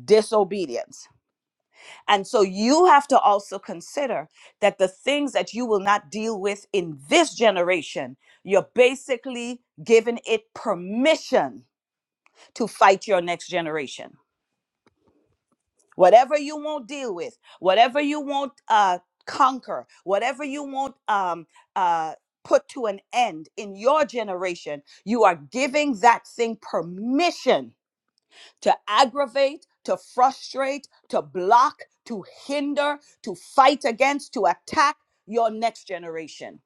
[SPEAKER 1] disobedience and so you have to also consider that the things that you will not deal with in this generation you're basically giving it permission to fight your next generation whatever you won't deal with whatever you won't uh, conquer whatever you won't um, uh, put to an end in your generation you are giving that thing permission to aggravate to frustrate to block to hinder to fight against to attack your next generation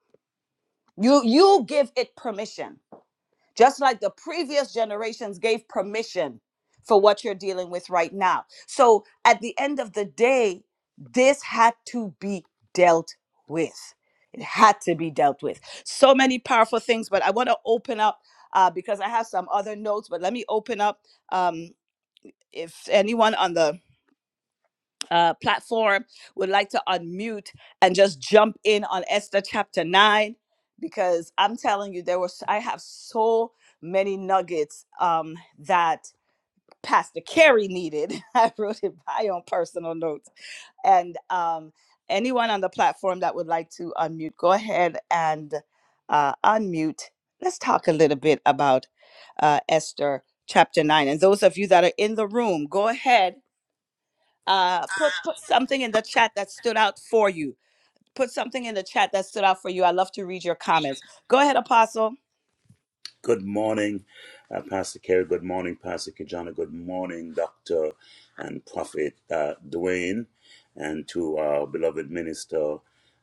[SPEAKER 1] you you give it permission just like the previous generations gave permission for what you're dealing with right now. So at the end of the day, this had to be dealt with. It had to be dealt with. So many powerful things, but I want to open up uh, because I have some other notes, but let me open up um, if anyone on the uh, platform would like to unmute and just jump in on Esther chapter 9 because I'm telling you there was I have so many nuggets um, that Pastor Carey needed. I wrote it by on personal notes. And um, anyone on the platform that would like to unmute, go ahead and uh, unmute. Let's talk a little bit about uh, Esther chapter 9. And those of you that are in the room, go ahead uh put put something in the chat that stood out for you put something in the chat that stood out for you i love to read your comments go ahead apostle
[SPEAKER 3] Good morning, uh, Pastor Kerry. Good morning, Pastor Kijana. Good morning, Dr. and Prophet uh, Dwayne, and to our beloved minister,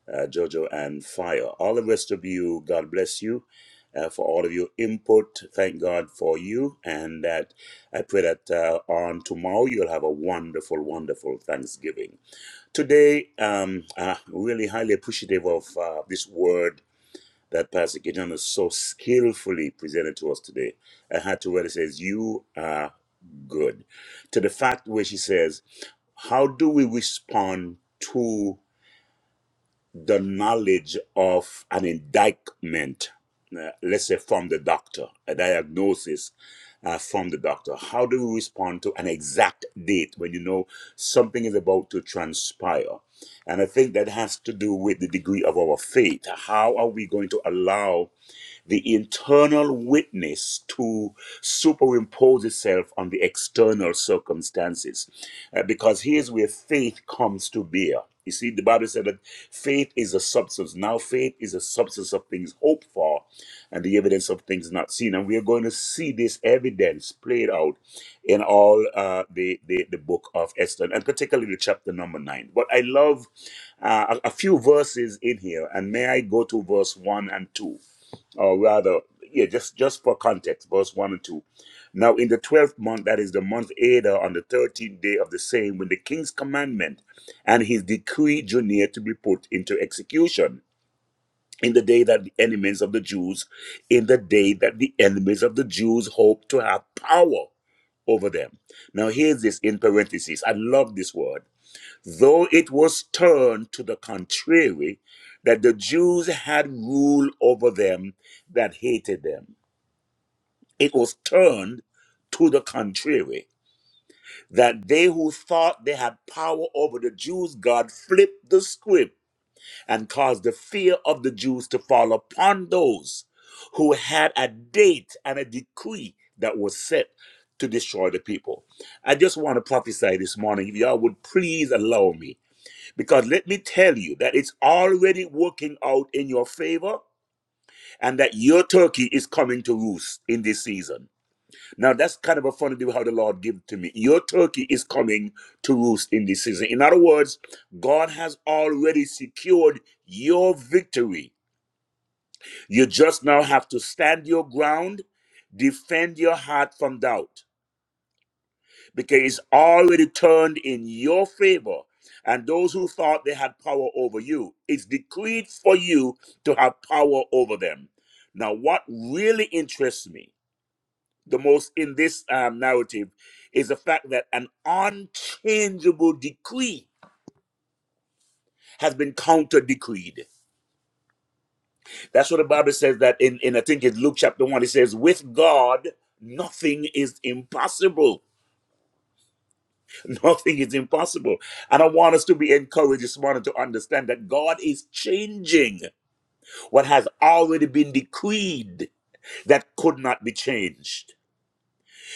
[SPEAKER 3] uh, Jojo and Fire. All the rest of you, God bless you uh, for all of your input. Thank God for you. And that I pray that uh, on tomorrow you'll have a wonderful, wonderful Thanksgiving. Today, um, uh, really highly appreciative of uh, this word that Pastor Gideon has so skillfully presented to us today. I had to where it says, You are good. To the fact where she says, How do we respond to the knowledge of an indictment? Uh, let's say from the doctor, a diagnosis uh, from the doctor. How do we respond to an exact date when you know something is about to transpire? And I think that has to do with the degree of our faith. How are we going to allow? the internal witness to superimpose itself on the external circumstances. Uh, because here's where faith comes to bear. You see, the Bible said that faith is a substance. Now, faith is a substance of things hoped for and the evidence of things not seen. And we are going to see this evidence played out in all uh, the, the, the book of Esther, and particularly chapter number nine. But I love uh, a, a few verses in here, and may I go to verse one and two? or rather, yeah, just just for context, verse one and two. Now, in the twelfth month, that is the month Adar, on the thirteenth day of the same, when the king's commandment and his decree drew near to be put into execution, in the day that the enemies of the Jews, in the day that the enemies of the Jews hoped to have power over them. Now, here's this in parentheses. I love this word though it was turned to the contrary, that the Jews had rule over them that hated them. It was turned to the contrary, that they who thought they had power over the Jews, God flipped the script and caused the fear of the Jews to fall upon those who had a date and a decree that was set to destroy the people. I just want to prophesy this morning, if y'all would please allow me because let me tell you that it's already working out in your favor and that your turkey is coming to roost in this season. Now that's kind of a funny thing how the Lord gave to me. Your turkey is coming to roost in this season. In other words, God has already secured your victory. You just now have to stand your ground, defend your heart from doubt. because it's already turned in your favor. And those who thought they had power over you, it's decreed for you to have power over them. Now, what really interests me the most in this um, narrative is the fact that an unchangeable decree has been counter decreed. That's what the Bible says that in, in I think it's Luke chapter 1, it says, with God, nothing is impossible. Nothing is impossible. And I want us to be encouraged this morning to understand that God is changing what has already been decreed that could not be changed.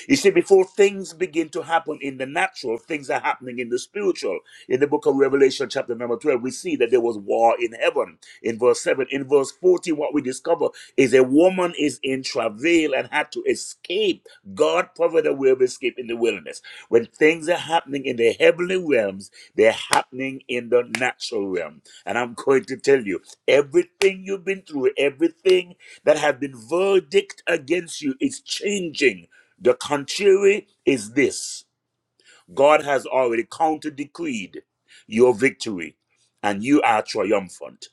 [SPEAKER 3] You see, before things begin to happen in the natural, things are happening in the spiritual. In the book of Revelation, chapter number 12, we see that there was war in heaven in verse 7. In verse 14, what we discover is a woman is in travail and had to escape. God provided a way of escape in the wilderness. When things are happening in the heavenly realms, they're happening in the natural realm. And I'm going to tell you, everything you've been through, everything that has been verdict against you is changing the contrary is this God has already counter decreed your victory, and you are triumphant.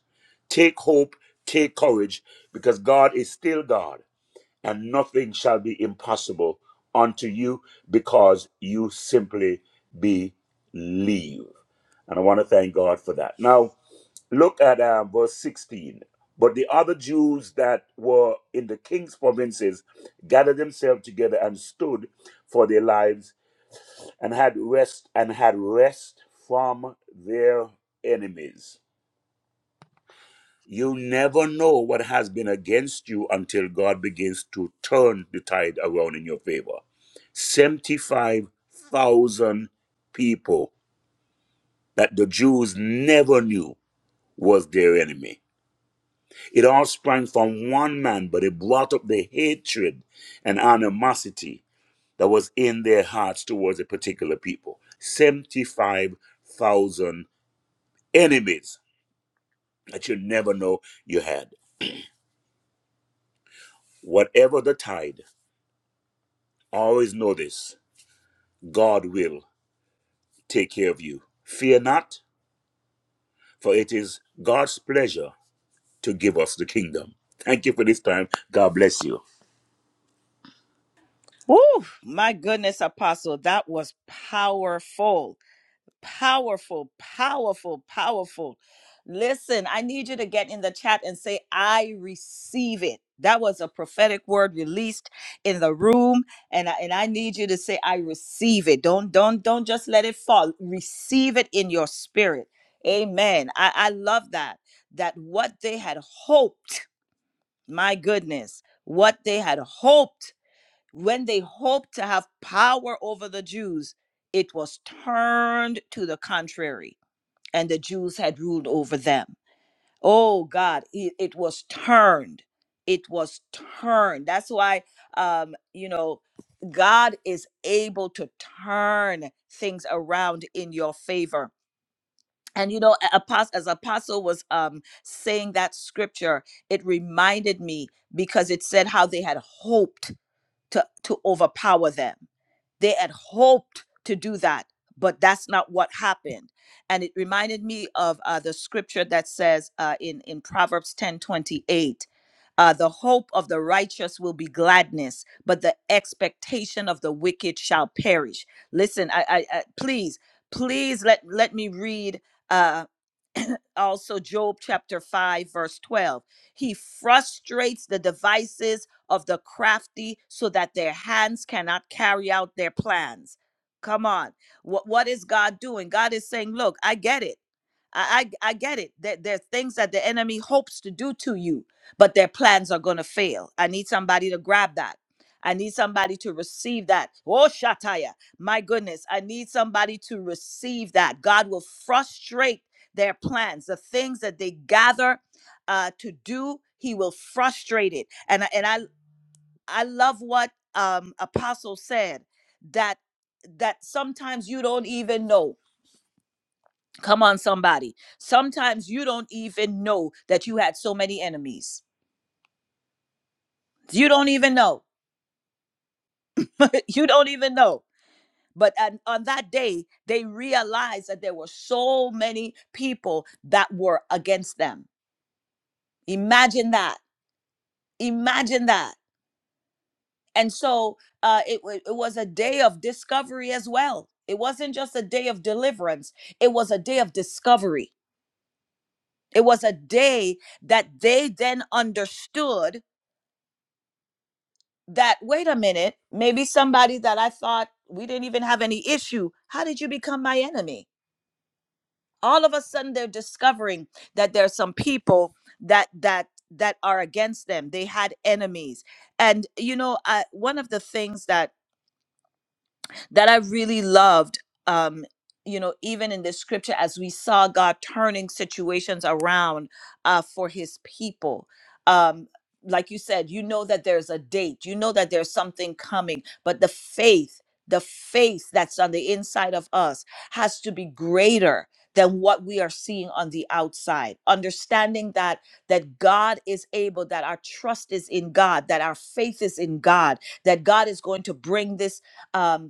[SPEAKER 3] Take hope, take courage, because God is still God, and nothing shall be impossible unto you because you simply believe. And I want to thank God for that. Now, Look at uh, verse 16. But the other Jews that were in the king's provinces gathered themselves together and stood for their lives and had rest and had rest from their enemies. You never know what has been against you until God begins to turn the tide around in your favor. 75,000 people that the Jews never knew was their enemy It all sprang from one man, but it brought up the hatred and animosity that was in their hearts towards a particular people. 75,000 enemies that you never know you had. Whatever the tide, always know this God will take care of you. Fear not, for it is God's pleasure to give us the kingdom. Thank you for this time. God bless you.
[SPEAKER 1] Woo, my goodness apostle that was powerful Powerful, powerful, powerful. Listen, I need you to get in the chat and say, I receive it. That was a prophetic word released in the room. And I, and I need you to say, I receive it. Don't, don't, don't just let it fall. Receive it in your spirit. Amen. I, I love that. That what they had hoped, my goodness, what they had hoped when they hoped to have power over the Jews, it was turned to the contrary, and the Jews had ruled over them. Oh God, it, it was turned. It was turned. That's why, um, you know, God is able to turn things around in your favor. And you know, a- apos- as Apostle was um, saying that scripture, it reminded me because it said how they had hoped to, to overpower them they had hoped to do that but that's not what happened and it reminded me of uh, the scripture that says uh, in in proverbs ten twenty eight, uh, the hope of the righteous will be gladness but the expectation of the wicked shall perish listen i i, I please please let let me read uh, also Job chapter 5, verse 12. He frustrates the devices of the crafty so that their hands cannot carry out their plans. Come on. What, what is God doing? God is saying, Look, I get it. I, I I get it. There there's things that the enemy hopes to do to you, but their plans are gonna fail. I need somebody to grab that. I need somebody to receive that. Oh Shataya, my goodness, I need somebody to receive that. God will frustrate their plans, the things that they gather uh, to do. He will frustrate it. And I- and I I love what um, Apostle said that that sometimes you don't even know. Come on, somebody. Sometimes you don't even know that you had so many enemies. You don't even know. you don't even know. But on, on that day, they realized that there were so many people that were against them. Imagine that. Imagine that. And so uh, it, wa- it was a day of discovery as well. It wasn't just a day of deliverance, it was a day of discovery. It was a day that they then understood that wait a minute maybe somebody that i thought we didn't even have any issue how did you become my enemy all of a sudden they're discovering that there's some people that that that are against them they had enemies and you know I, one of the things that that I really loved. Um, you know, even in the scripture, as we saw God turning situations around uh, for His people. Um, like you said, you know that there's a date, you know that there's something coming, but the faith, the faith that's on the inside of us has to be greater than what we are seeing on the outside understanding that that god is able that our trust is in god that our faith is in god that god is going to bring this um,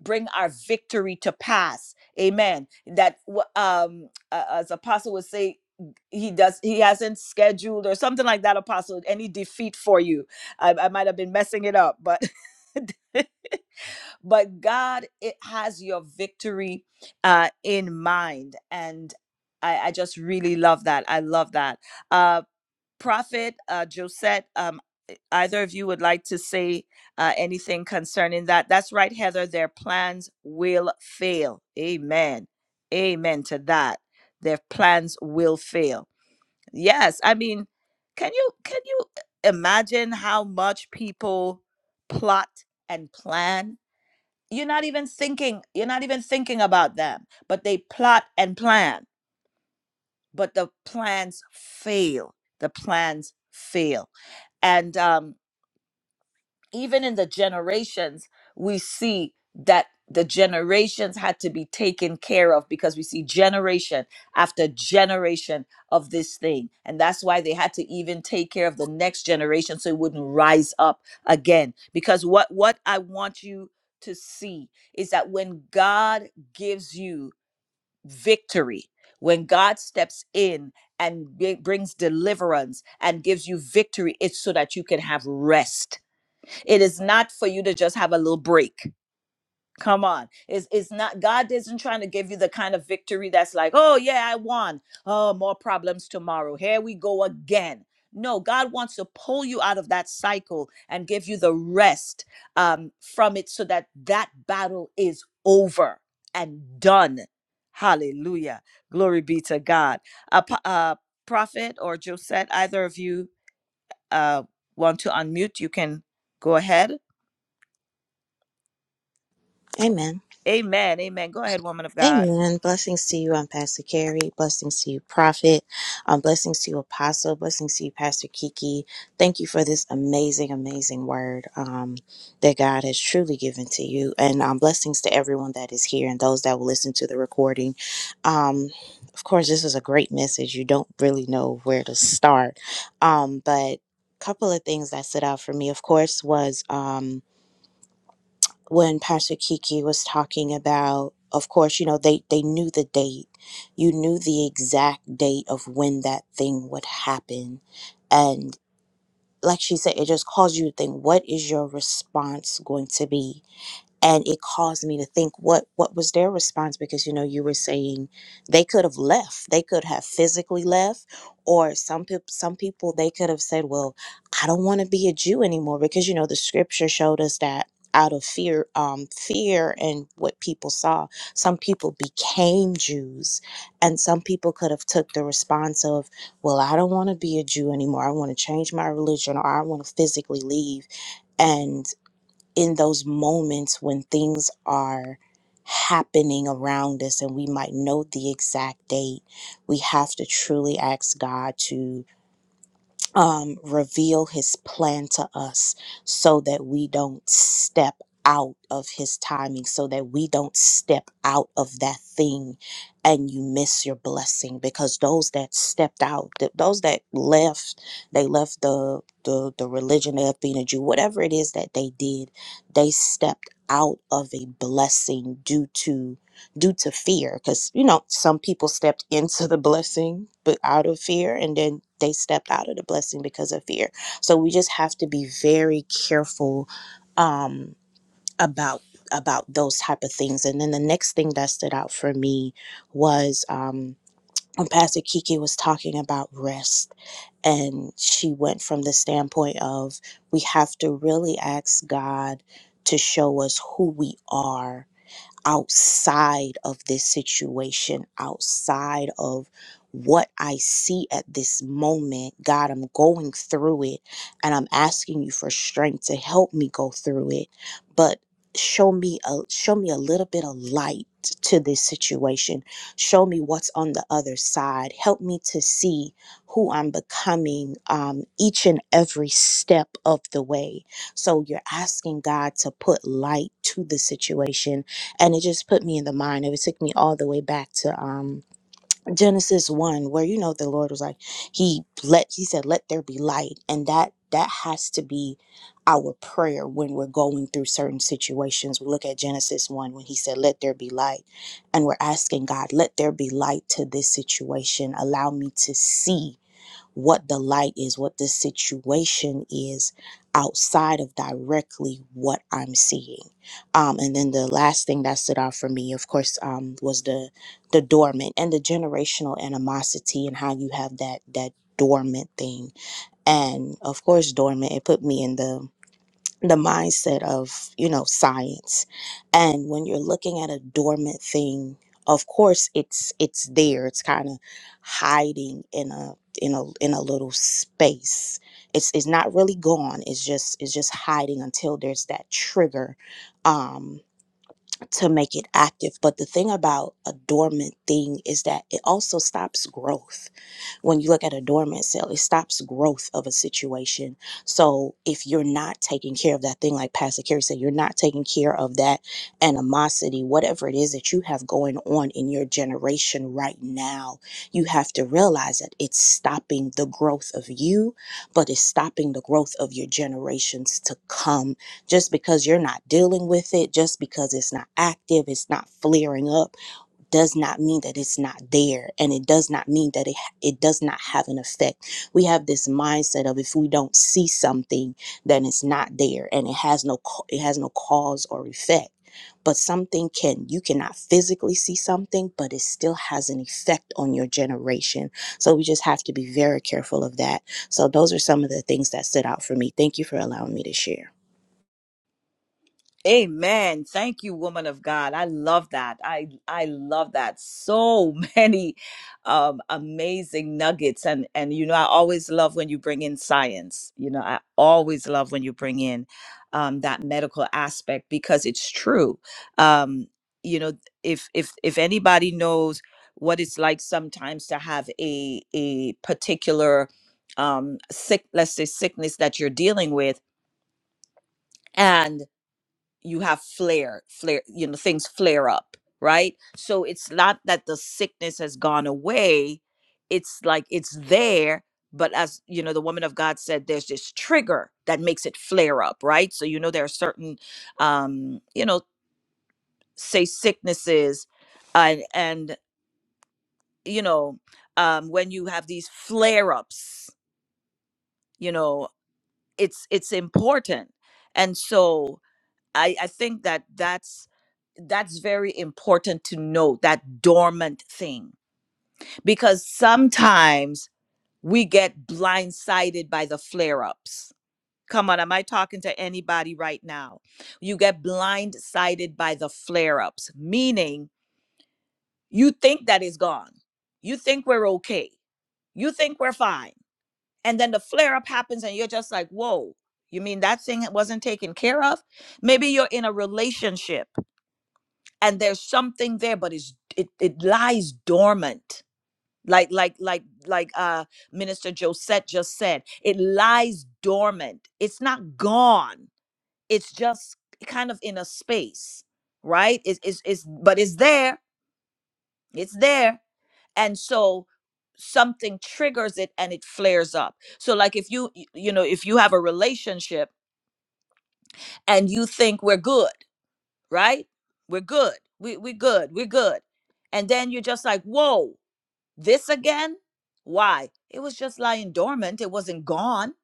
[SPEAKER 1] bring our victory to pass amen that um uh, as apostle would say he does he hasn't scheduled or something like that apostle any defeat for you i, I might have been messing it up but but god it has your victory uh in mind and I, I just really love that. I love that. Um Prophet uh, Josette, um, e- either of you would like to say uh, anything concerning that? That's right, Heather. Their plans will fail. Amen. Amen to that. Their plans will fail. Yes, I mean, can you can you imagine how much people plot and plan? You're not even thinking. You're not even thinking about them, but they plot and plan. But the plans fail. The plans fail and um, even in the generations we see that the generations had to be taken care of because we see generation after generation of this thing and that's why they had to even take care of the next generation so it wouldn't rise up again because what what i want you to see is that when god gives you victory when god steps in and bri- brings deliverance and gives you victory it's so that you can have rest it is not for you to just have a little break. Come on. It's, it's not, God isn't trying to give you the kind of victory that's like, oh, yeah, I won. Oh, more problems tomorrow. Here we go again. No, God wants to pull you out of that cycle and give you the rest um, from it so that that battle is over and done. Hallelujah. Glory be to God. A uh, uh, prophet or Josette, either of you uh, want to unmute, you can go ahead.
[SPEAKER 4] Amen.
[SPEAKER 1] Amen. Amen. Go ahead, woman of God.
[SPEAKER 4] Amen. Blessings to you. I'm Pastor Carrie. Blessings to you, Prophet. Um, blessings to you, Apostle. Blessings to you, Pastor Kiki. Thank you for this amazing, amazing word um, that God has truly given to you. And um, blessings to everyone that is here and those that will listen to the recording. Um, of course, this is a great message. You don't really know where to start. Um, but a couple of things that stood out for me, of course, was. Um, when Pastor Kiki was talking about, of course, you know, they, they knew the date. You knew the exact date of when that thing would happen. And like she said, it just caused you to think, what is your response going to be? and it caused me to think what what was their response because you know you were saying they could have left they could have physically left or some people some people they could have said well i don't want to be a jew anymore because you know the scripture showed us that out of fear um fear and what people saw some people became jews and some people could have took the response of well i don't want to be a jew anymore i want to change my religion or i want to physically leave in those moments when things are happening around us and we might know the exact date, we have to truly ask God to um, reveal his plan to us so that we don't step out of his timing, so that we don't step out of that thing and you miss your blessing because those that stepped out, th- those that left, they left the, the, the religion of being a Jew, whatever it is that they did, they stepped out of a blessing due to due to fear because you know some people stepped into the blessing but out of fear and then they stepped out of the blessing because of fear so we just have to be very careful um about about those type of things and then the next thing that stood out for me was um when pastor kiki was talking about rest and she went from the standpoint of we have to really ask god to show us who we are outside of this situation, outside of what I see at this moment. God, I'm going through it and I'm asking you for strength to help me go through it. But show me a show me a little bit of light to this situation. Show me what's on the other side. Help me to see who I'm becoming um, each and every step of the way. So you're asking God to put light to the situation and it just put me in the mind of it took me all the way back to um genesis 1 where you know the lord was like he let he said let there be light and that that has to be our prayer when we're going through certain situations we look at genesis 1 when he said let there be light and we're asking god let there be light to this situation allow me to see what the light is, what the situation is outside of directly what I'm seeing. Um, and then the last thing that stood out for me, of course, um, was the the dormant and the generational animosity and how you have that that dormant thing. And of course, dormant. It put me in the the mindset of you know science and when you're looking at a dormant thing of course it's it's there it's kind of hiding in a in a in a little space it's it's not really gone it's just it's just hiding until there's that trigger um to make it active but the thing about a dormant thing is that it also stops growth when you look at a dormant cell, it stops growth of a situation. So if you're not taking care of that thing, like Pastor Carey said, you're not taking care of that animosity, whatever it is that you have going on in your generation right now, you have to realize that it's stopping the growth of you, but it's stopping the growth of your generations to come. Just because you're not dealing with it, just because it's not active, it's not flaring up does not mean that it's not there and it does not mean that it it does not have an effect. We have this mindset of if we don't see something then it's not there and it has no ca- it has no cause or effect. But something can you cannot physically see something but it still has an effect on your generation. So we just have to be very careful of that. So those are some of the things that stood out for me. Thank you for allowing me to share.
[SPEAKER 1] Amen. Thank you, woman of God. I love that. I I love that. So many um, amazing nuggets, and and you know I always love when you bring in science. You know I always love when you bring in um, that medical aspect because it's true. Um, you know if if if anybody knows what it's like sometimes to have a a particular um sick let's say sickness that you're dealing with and you have flare flare you know things flare up right so it's not that the sickness has gone away it's like it's there but as you know the woman of god said there's this trigger that makes it flare up right so you know there are certain um you know say sicknesses and and you know um when you have these flare ups you know it's it's important and so I, I think that that's that's very important to know that dormant thing because sometimes we get blindsided by the flare-ups come on am i talking to anybody right now you get blindsided by the flare-ups meaning you think that is gone you think we're okay you think we're fine and then the flare-up happens and you're just like whoa you mean that thing wasn't taken care of maybe you're in a relationship and there's something there but it's it, it lies dormant like like like like uh minister josette just said it lies dormant it's not gone it's just kind of in a space right it's it's, it's but it's there it's there and so something triggers it and it flares up so like if you y- you know if you have a relationship and you think we're good right we're good we, we good we're good and then you're just like whoa This again? Why? It was just lying dormant. It wasn't gone.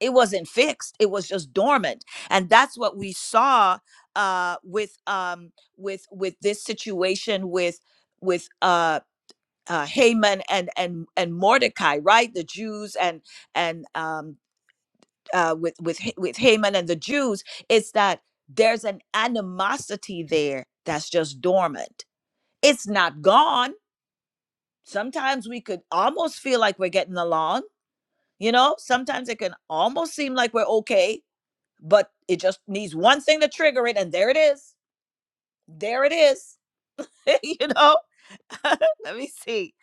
[SPEAKER 1] It wasn't fixed. It was just dormant. And that's what we saw uh with um with with this situation with with uh uh, Haman and and and Mordecai, right? The Jews and and um, uh, with with Ha- with Haman and the Jews, it's that there's an animosity there that's just dormant. It's not gone. Sometimes we could almost feel like we're getting along, You know, sometimes it can almost seem like we're okay, but it just needs one thing to trigger it, and there it is. There it is. you know? let me see.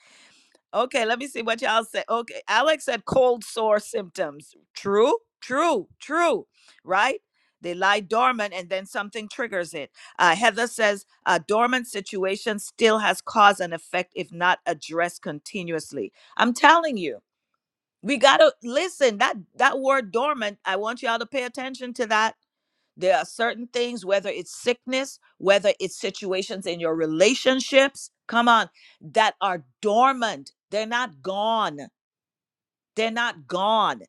[SPEAKER 1] Okay, let me see what y'all say. Okay, Alex said cold sore symptoms. True, true, true, right? They lie dormant and then something triggers it. Uh, Heather says a dormant situation still has cause and effect if not addressed continuously. I'm telling you. We gotta listen. That that word dormant, I want y'all to pay attention to that. There are certain things, whether it's sickness, whether it's situations in your relationships, come on, that are dormant. They're not gone. They're not gone.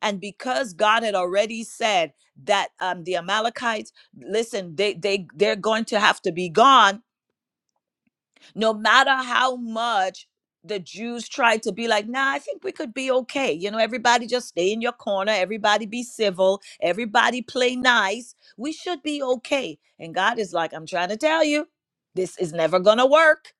[SPEAKER 1] And because God had already said that um, the Amalekites, listen, they they they're going to have to be gone no matter how much the Jews tried to be like, nah, I think we could be okay. You know, everybody just stay in your corner, everybody be civil, everybody play nice. We should be okay. And God is like, I'm trying to tell you, this is never gonna work.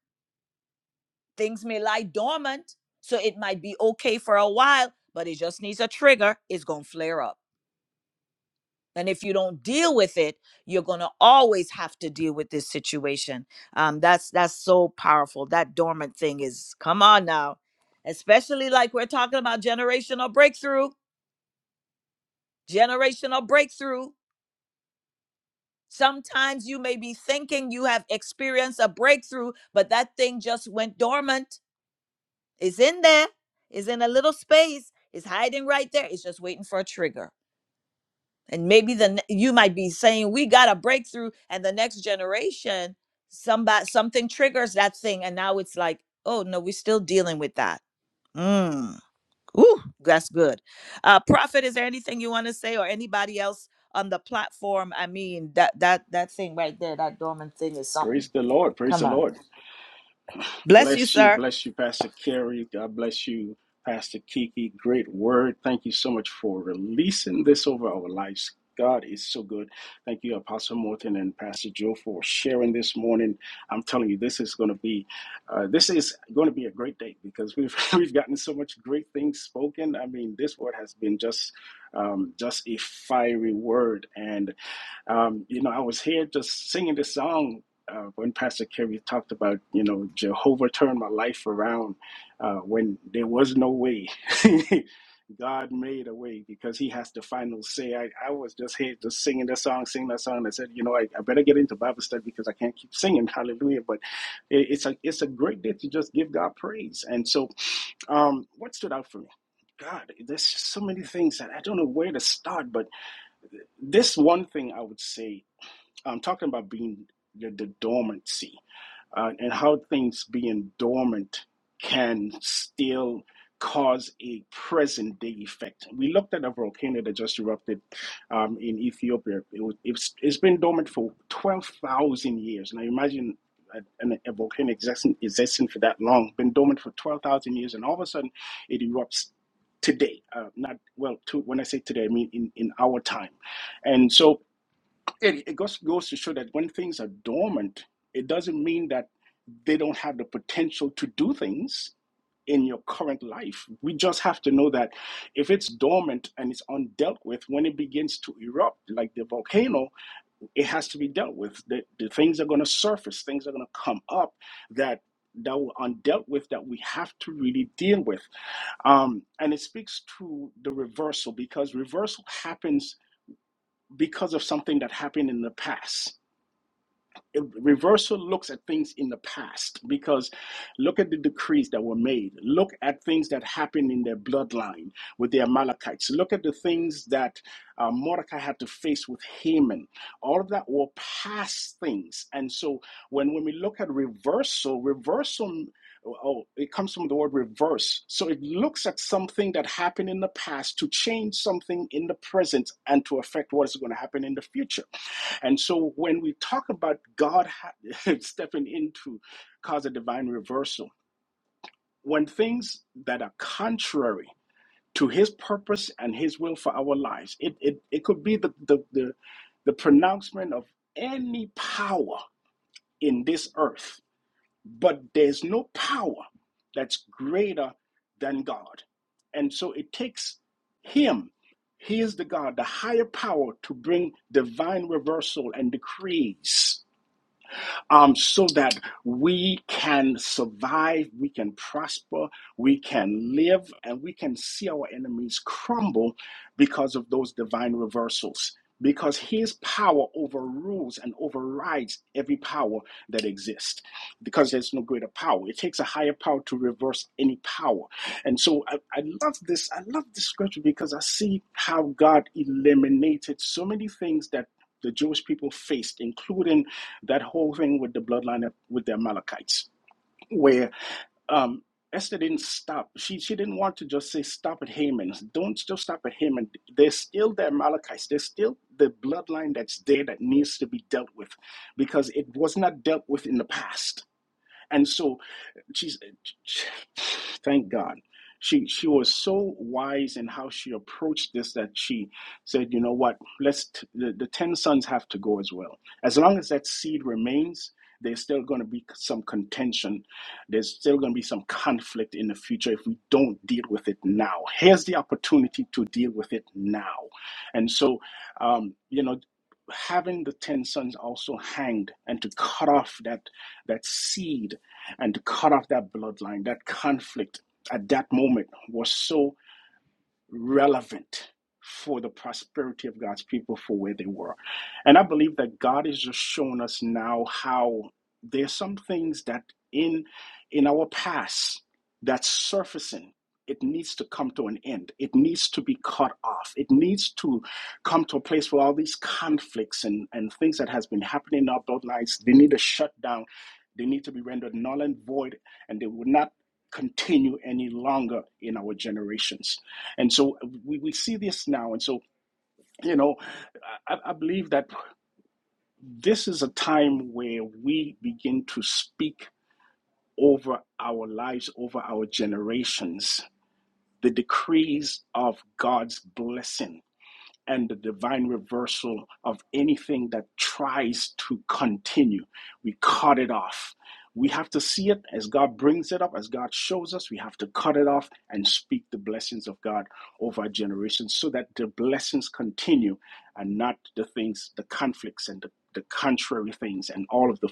[SPEAKER 1] Things may lie dormant, so it might be okay for a while, but it just needs a trigger, it's gonna flare up. And if you don't deal with it, you're going to always have to deal with this situation. Um, that's that's so powerful. That dormant thing is come on now, especially like we're talking about generational breakthrough. Generational breakthrough. Sometimes you may be thinking you have experienced a breakthrough, but that thing just went dormant. It's in there. It's in a little space. It's hiding right there. It's just waiting for a trigger. and maybe the ne- you might be saying we got a breakthrough and the next generation somebody something triggers that thing and now it's like oh no we're still dealing with that mm. Ooh, that's good uh prophet is there anything you want to say or anybody else on the platform i mean that that that thing right there that dormant thing is something
[SPEAKER 5] Praise the Lord. Praise
[SPEAKER 1] come
[SPEAKER 5] the
[SPEAKER 1] on
[SPEAKER 5] Lord.
[SPEAKER 1] bless you
[SPEAKER 5] Bless you.
[SPEAKER 1] sir
[SPEAKER 5] Bless you, Pastor Kerry. God bless you, Pastor Kiki. Great word. Thank you so much for releasing this over our lives. God is so good. Thank you, Apostle Morton and Pastor Joe, for sharing this morning. I'm telling you, this is going to be, uh, this is going to be a great day because we've we've gotten so much great things spoken. I mean, this word has been just, um, just a fiery word, and. Um, you know, I was here just singing this song uh, when Pastor Kerry talked about, you know, Jehovah turned my life around uh, when there was no way. God made a way because he has the final say. I, I was just here just singing that song, singing that song. I said, you know, I, I better get into Bible study because I can't keep singing hallelujah. But it, it's a it's a great day to just give God praise. And so um, what stood out for me? God, there's just so many things that I don't know where to start, but this one thing I would say I'm talking about being the, the dormancy uh, and how things being dormant can still cause a present day effect. We looked at a volcano that just erupted um, in Ethiopia. It was, it's, it's been dormant for 12,000 years. Now imagine a, an- a volcano existing, existing for that long, been dormant for 12,000 years, and all of a sudden it erupts today. Uh, not, well, to, when I say today, I mean in, in our time. And so it, it goes, goes to show that when things are dormant, it doesn't mean that they don't have the potential to do things in your current life. We just have to know that if it's dormant and it's undealt with, when it begins to erupt like the volcano, it has to be dealt with. The, the things are going to surface, things are going to come up that that were undealt with that we have to really deal with. Um, and it speaks to the reversal because reversal happens because of something that happened in the past reversal looks at things in the past because look at the decrees that were made look at things that happened in their bloodline with the amalekites look at the things that uh, mordecai had to face with haman all of that were past things and so when, when we look at reversal reversal oh it comes from the word reverse so it looks at something that happened in the past to change something in the present and to affect what is going to happen in the future and so when we talk about God ha- stepping in to cause a divine reversal, when things that are contrary to his purpose and his will for our lives, it, it, it could be the, the, the, the pronouncement of any power in this earth, but there's no power that's greater than God. And so it takes him. He is the God, the higher power to bring divine reversal and decrees um, so that we can survive, we can prosper, we can live, and we can see our enemies crumble because of those divine reversals. Because his power overrules and overrides every power that exists, because there's no greater power. It takes a higher power to reverse any power. And so I, I love this. I love this scripture because I see how God eliminated so many things that the Jewish people faced, including that whole thing with the bloodline with the Amalekites, where um, Esther didn't stop. She she didn't want to just say stop at Haman. Don't just stop at Haman. There's still the Amalekites. There's still the bloodline that's there that needs to be dealt with, because it was not dealt with in the past and so she's thank God. She she was so wise in how she approached this that she said, you know what, let's t- the, the ten sons have to go as well. As long as that seed remains, there's still going to be some contention. There's still going to be some conflict in the future if we don't deal with it now. Here's the opportunity to deal with it now. And so, um, you know, having the ten sons also hanged and to cut off that that seed and to cut off that bloodline, that conflict at that moment was so relevant for the prosperity of God's people for where they were. And I believe that God is just showing us now how there's some things that in in our past that's surfacing. It needs to come to an end. It needs to be cut off. It needs to come to a place where all these conflicts and, and things that has been happening in our bloodlines, they need to shut down. They need to be rendered null and void, and they will not continue any longer in our generations. And so uh, we, we see this now. And so, you know, I, I believe that this is a time where we begin to speak over our lives, over our generations, the decrees of God's blessing and the divine reversal of anything that tries to continue. We cut it off. We have to see it as God brings it up, as God shows us. We have to cut it off and speak the blessings of God over our generations so that the blessings continue and not the things, the conflicts and the, the contrary things and all of the,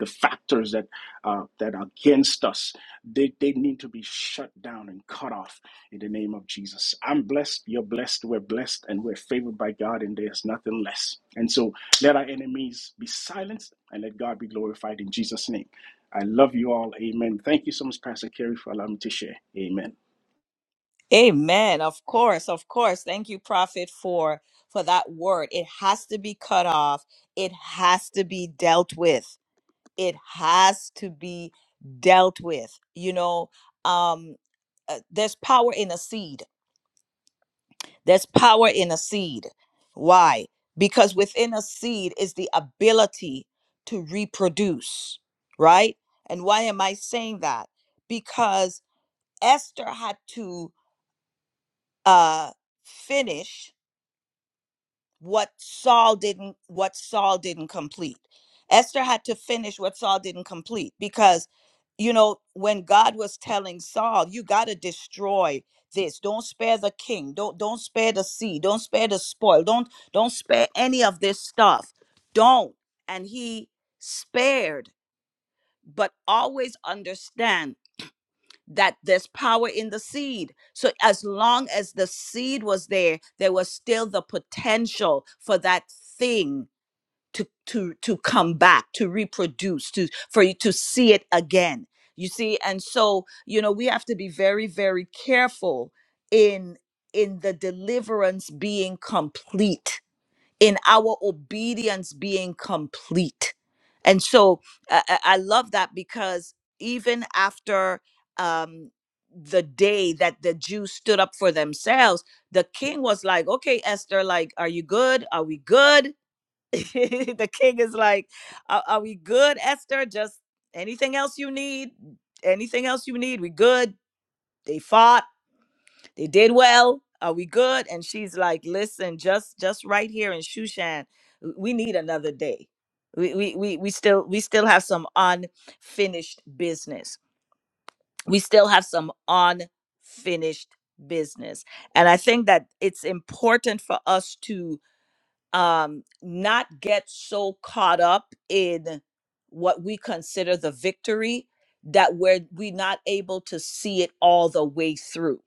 [SPEAKER 5] the factors that uh, that are against us. They, they need to be shut down and cut off in the name of Jesus. I'm blessed, you're blessed, we're blessed, and we're favored by God, and there's nothing less. And so let our enemies be silenced and let God be glorified in Jesus' name. I love you all. Amen. Thank you so much, Pastor Kerry, for allowing me to share. Amen.
[SPEAKER 1] Amen. Of course, of course. Thank you, Prophet, for for that word. It has to be cut off. It has to be dealt with. It has to be dealt with. You know, um, uh, there's power in a seed There's power in a seed. Why? Because within a seed is the ability to reproduce, right? And why am I saying that? Because Esther had to uh finish what Saul didn't what Saul didn't complete. Esther had to finish what Saul didn't complete because you know, when God was telling Saul, you got to destroy this. Don't spare the king. Don't don't spare the sea. Don't spare the spoil. Don't don't spare any of this stuff. Don't. And he spared, but always understand that there's power in the seed. So as long as the seed was there, there was still the potential for that thing to to to come back to reproduce to for you to see it again you see and so you know we have to be very very careful in in the deliverance being complete in our obedience being complete and so i, I I love that because even after um the day that the jews stood up for themselves the king was like okay esther like are you good are we good the king is like, are, are we good, Esther? Just anything else you need? Anything else you need? We good? They fought. They did well. Are we good? And she's like, listen, just just right here in Shushan, w- we need another day. We we we, we still we still have some unfinished business. We still have some unfinished business. And I think that it's important for us to um, not get so caught up in what we consider the victory that we're we not able to see it all the way through.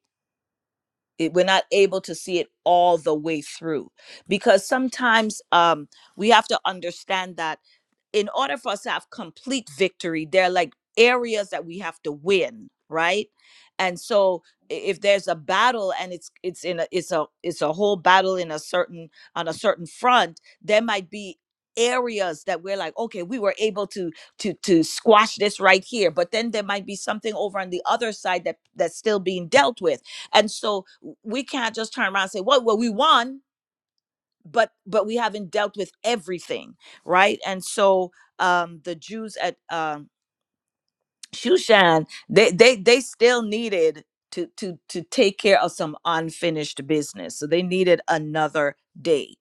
[SPEAKER 1] It, we're not able to see it all the way through because sometimes um, we have to understand that in order for us to have complete victory, there are like areas that we have to win, right? And so i- if there's a battle and it's it's in a it's a it's a whole battle in a certain on a certain front, there might be areas that we're like, okay, we were able to to to squash this right here, but then there might be something over on the other side that that's still being dealt with. And so w- we can't just turn around and say, well, well, we won but but we haven't dealt with everything right and so um the jews at um shushan they they they still needed to to to take care of some unfinished business so they needed another day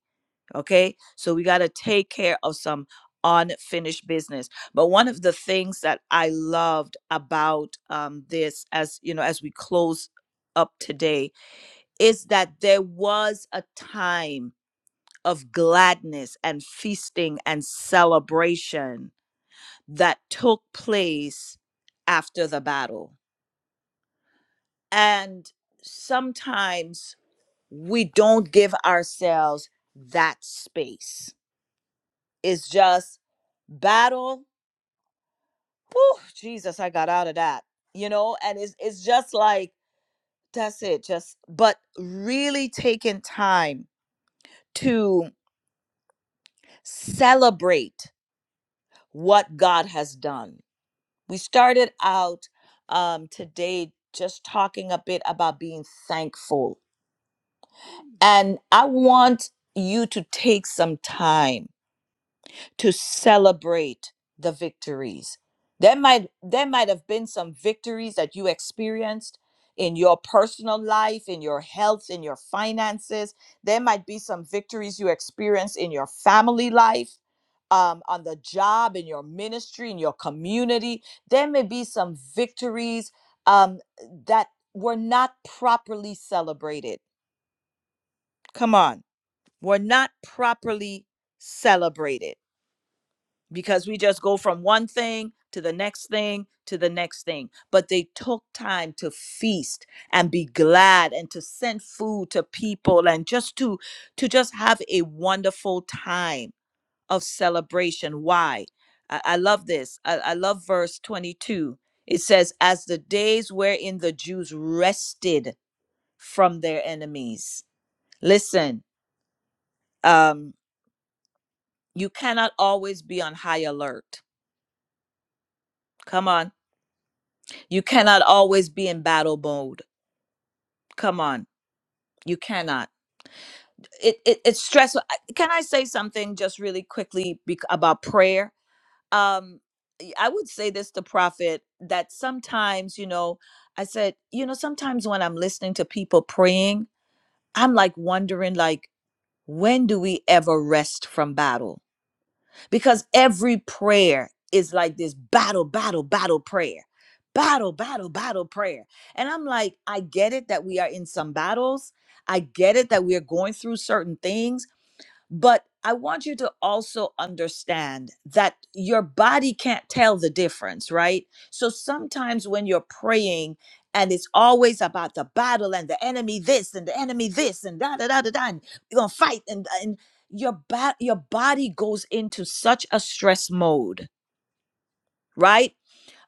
[SPEAKER 1] okay so we got to take care of some unfinished business but one of the things that i loved about um this as you know as we close up today is that there was a time of gladness and feasting and celebration that took place after the battle. And sometimes we don't give ourselves that space. It's just battle. Whew, Jesus, I got out of that. You know, and it's it's just like that's it. Just but really taking time to celebrate what God has done We started out um, today just talking a bit about being thankful. And I want you to take some time to celebrate the victories. There might there might have been some victories that you experienced in your personal life, in your health, in your finances. There might be some victories you experienced in your family life um, on the job, in your ministry, in your community. There may be some victories um, that were not properly celebrated. Come on, were not properly celebrated because we just go from one thing to the next thing to the next thing. But they took time to feast and be glad and to send food to people and just to to just have a wonderful time of celebration. Why? I, I love this. I, I love verse 22. It says, As the days wherein the Jews rested from their enemies. Listen, um, you cannot always be on high alert. Come on. You cannot always be in battle mode. Come on. You cannot. It, it it's stressful. I- Can I say something just really quickly bec- about prayer? um y- I would say this to Prophet that sometimes, you know, I said, you know, sometimes when I'm listening to people praying, I'm like wondering like when do we ever rest from battle? Because every prayer is like this battle, battle, battle prayer. Battle, battle, battle prayer. And I'm like, I get it that we are in some battles. I get it that we are going through certain things, but I want you to also understand that your body can't tell the difference, right? So sometimes when you're praying and it's always about the battle and the enemy this and the enemy this and da da da da da, and you're gonna fight and and your ba- your body goes into such a stress mode, right?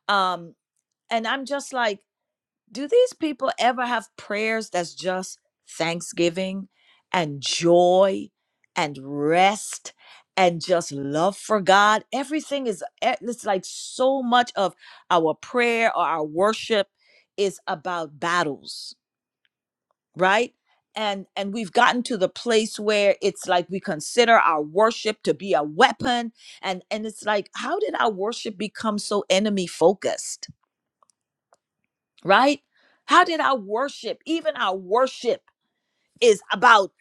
[SPEAKER 1] Um, and I'm just like do these people ever have prayers that's just thanksgiving and joy and rest and just love for God? Everything is, eh, it's like so much of our prayer or our worship is about battles, right? And, and we've gotten to the place where it's like we consider our worship to be a weapon and and it's like how did our worship become so enemy focused right? How did our worship, even our worship, is about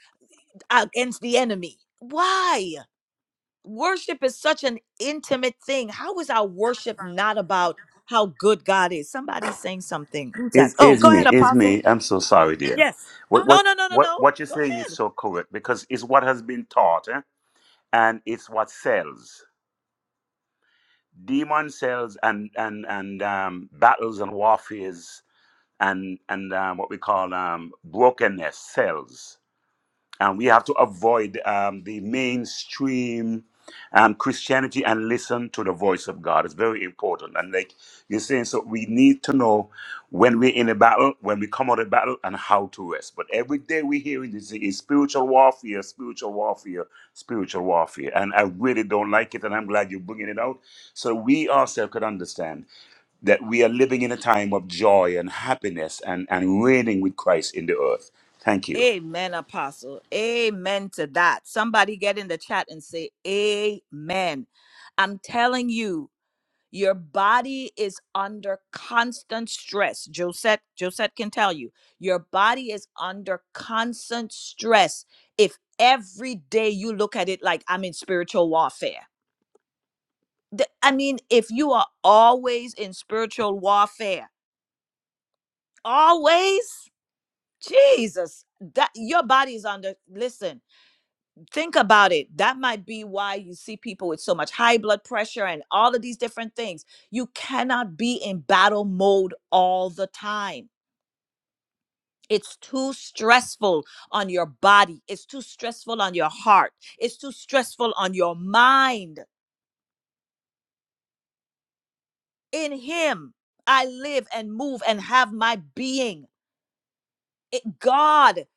[SPEAKER 1] against the enemy? Why? Worship is such an intimate thing. How is our worship not about how good God is? Somebody's saying something. Who's that?
[SPEAKER 3] It's,
[SPEAKER 1] Oh,
[SPEAKER 3] it's
[SPEAKER 1] go
[SPEAKER 3] me.
[SPEAKER 1] ahead,
[SPEAKER 3] It's
[SPEAKER 1] Apostle.
[SPEAKER 3] me. I'm so sorry, dear.
[SPEAKER 1] Yes.
[SPEAKER 3] What what
[SPEAKER 1] No, no, no, no, no.
[SPEAKER 3] what what you're
[SPEAKER 1] Go
[SPEAKER 3] saying is
[SPEAKER 1] ahead.
[SPEAKER 3] so correct because it's what has been taught, eh? and it's what sells. Demon sells and and and um, battles and warfares and and um, what we call um, brokenness sells and we have to avoid um, the mainstream um, Christianity and listen to the voice of God. It's very important. And like you're saying, so we need to know when we're in a battle, when we come out of battle, and how to rest. But every day we hear it is is spiritual warfare, spiritual warfare, spiritual warfare. And I really don't like it. And I'm glad you're bringing it out. So we ourselves could understand that we are living in a time of joy and happiness and, and reigning with Christ in the earth. Thank you.
[SPEAKER 1] Amen, Apostle. Amen to that. Somebody get in the chat and say, Amen. I'm telling you, Your body is under constant stress. Josette, Josette can tell you, your body is under constant stress. If every day you look at it like I'm in spiritual warfare, The- I mean, if you are always in spiritual warfare, always, Jesus, that your body is under. Listen think about it that might be why you see people with so much high blood pressure and all of these different things you cannot be in battle mode all the time it's too stressful on your body it's too stressful on your heart it's too stressful on your mind in him i live and move and have my being it, god it,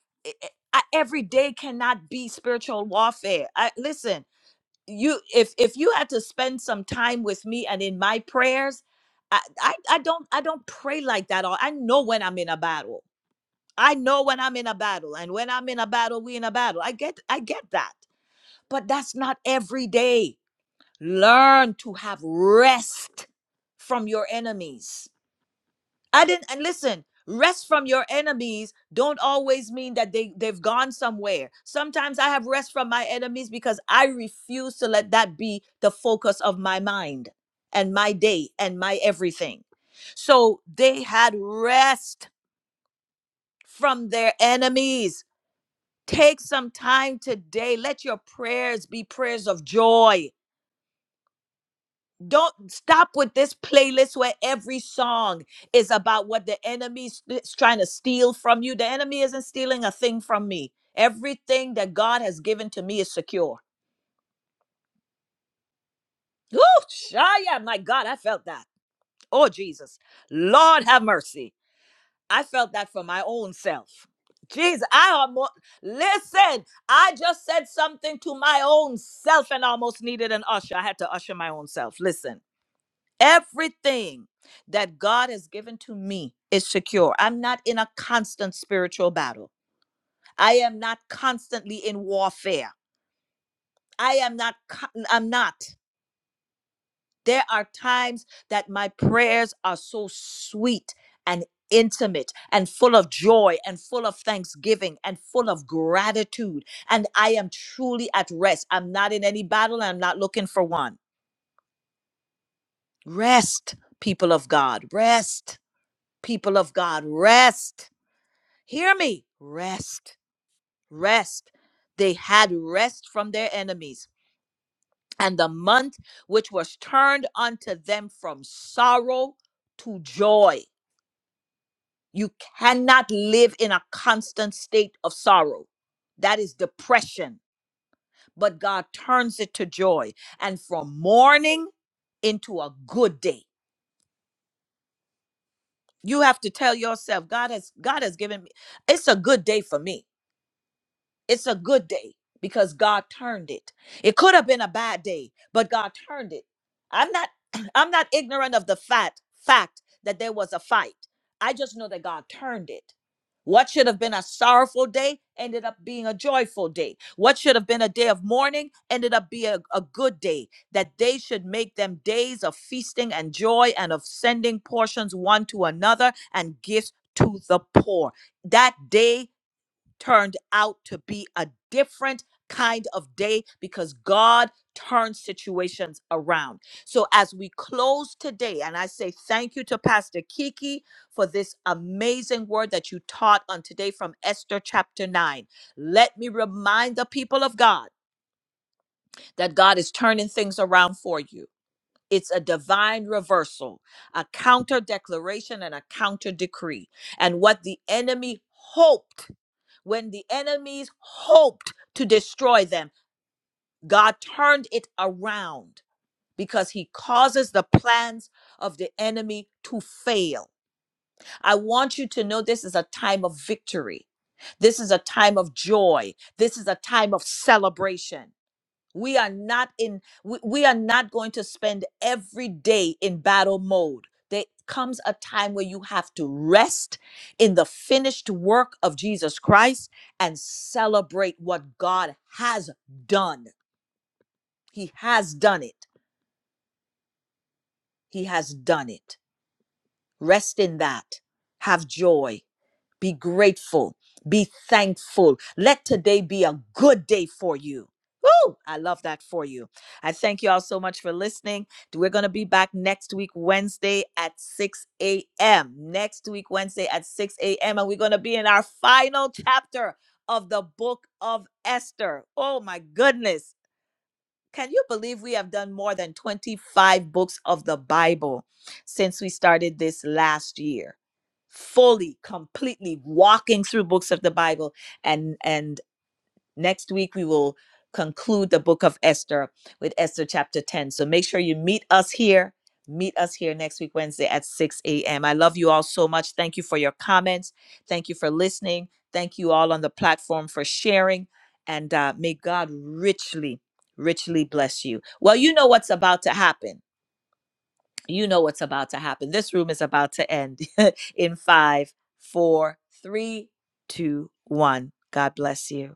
[SPEAKER 1] it- I, every day cannot be spiritual warfare I, listen you if if you had to spend some time with me and in my prayers I, I i don't i don't pray like that all i know when i'm in a battle i know when i'm in a battle and when i'm in a battle we in a battle i get i get that but that's not every day learn to have rest from your enemies I didn't and listen, rest from your enemies don't always mean that they they've gone somewhere. Sometimes I have rest from my enemies because I refuse to let that be the focus of my mind and my day and my everything. So they had rest from their enemies. Take some time today. Let your prayers be prayers of joy Don't stop with this playlist where every song is about what the enemy's is trying to steal from you. The enemy isn't stealing a thing from me. Everything that God has given to me is secure. Oh, yeah, my God, I felt that. Oh, Jesus. Lord have mercy. I felt that for my own self. Jesus, I almost, listen, I just said something to my own self and almost needed an usher. I had to usher my own self. Listen. Everything that God has given to me is secure. I'm not in a constant spiritual battle. I am not constantly in warfare. I am not, co- I'm not. There are times that my prayers are so sweet and intimate and full of joy and full of thanksgiving and full of gratitude. And I am truly at rest. I'm not in any battle and I'm not looking for one. Rest, people of God. Rest, people of God. Rest Hear me. Rest, rest. They had rest from their enemies, and the month which was turned unto them from sorrow to joy. You cannot live in a constant state of sorrow. That is depression. But God turns it to joy and from mourning into a good day. You have to tell yourself, God has God has given me it's a good day for me It's a good day because God turned it. It could have been a bad day, but God turned it. I'm not I'm not ignorant of the fact fact that there was a fight. I just know that God turned it. What should have been a sorrowful day ended up being a joyful day. What should have been a day of mourning ended up being a, a good day. That they should make them days of feasting and joy and of sending portions one to another and gifts to the poor. That day turned out to be a different kind of day because God turns situations around. So as we close today, and I say thank you to Pastor Kiki for this amazing word that you taught on today from Esther chapter 9. Let me remind the people of God that God is turning things around for you. It's a divine reversal, a counter declaration, and a counter decree. And what the enemy hoped when the enemies hoped to destroy them, God turned it around because he causes the plans of the enemy to fail. I want you to know this is a time of victory. This is a time of joy. This is a time of celebration. We are not in we, we are not going to spend every day in battle mode. There comes a time where you have to rest in the finished work of Jesus Christ and celebrate what God has done. He has done it. He has done it. Rest in that. Have joy Be grateful. Be thankful. Let today be a good day for you. Woo! I love that for you. I thank you all so much for listening. We're going to be back next week, Wednesday at 6 a.m. Next week, Wednesday at 6 a.m. And we're going to be in our final chapter of the book of Esther. Oh my goodness. Can you believe we have done more than 25 books of the Bible since we started this last year? Fully, completely walking through books of the Bible. And and Next week, we will conclude the book of Esther with Esther chapter 10. So make sure you meet us here. Meet us here next week, Wednesday at 6 a.m. I love you all so much. Thank you for your comments. Thank you for listening. Thank you all on the platform for sharing. And uh, may God richly, richly bless you. Well, you know what's about to happen. You know what's about to happen. This room is about to end in five, four, three, two, one. God bless you.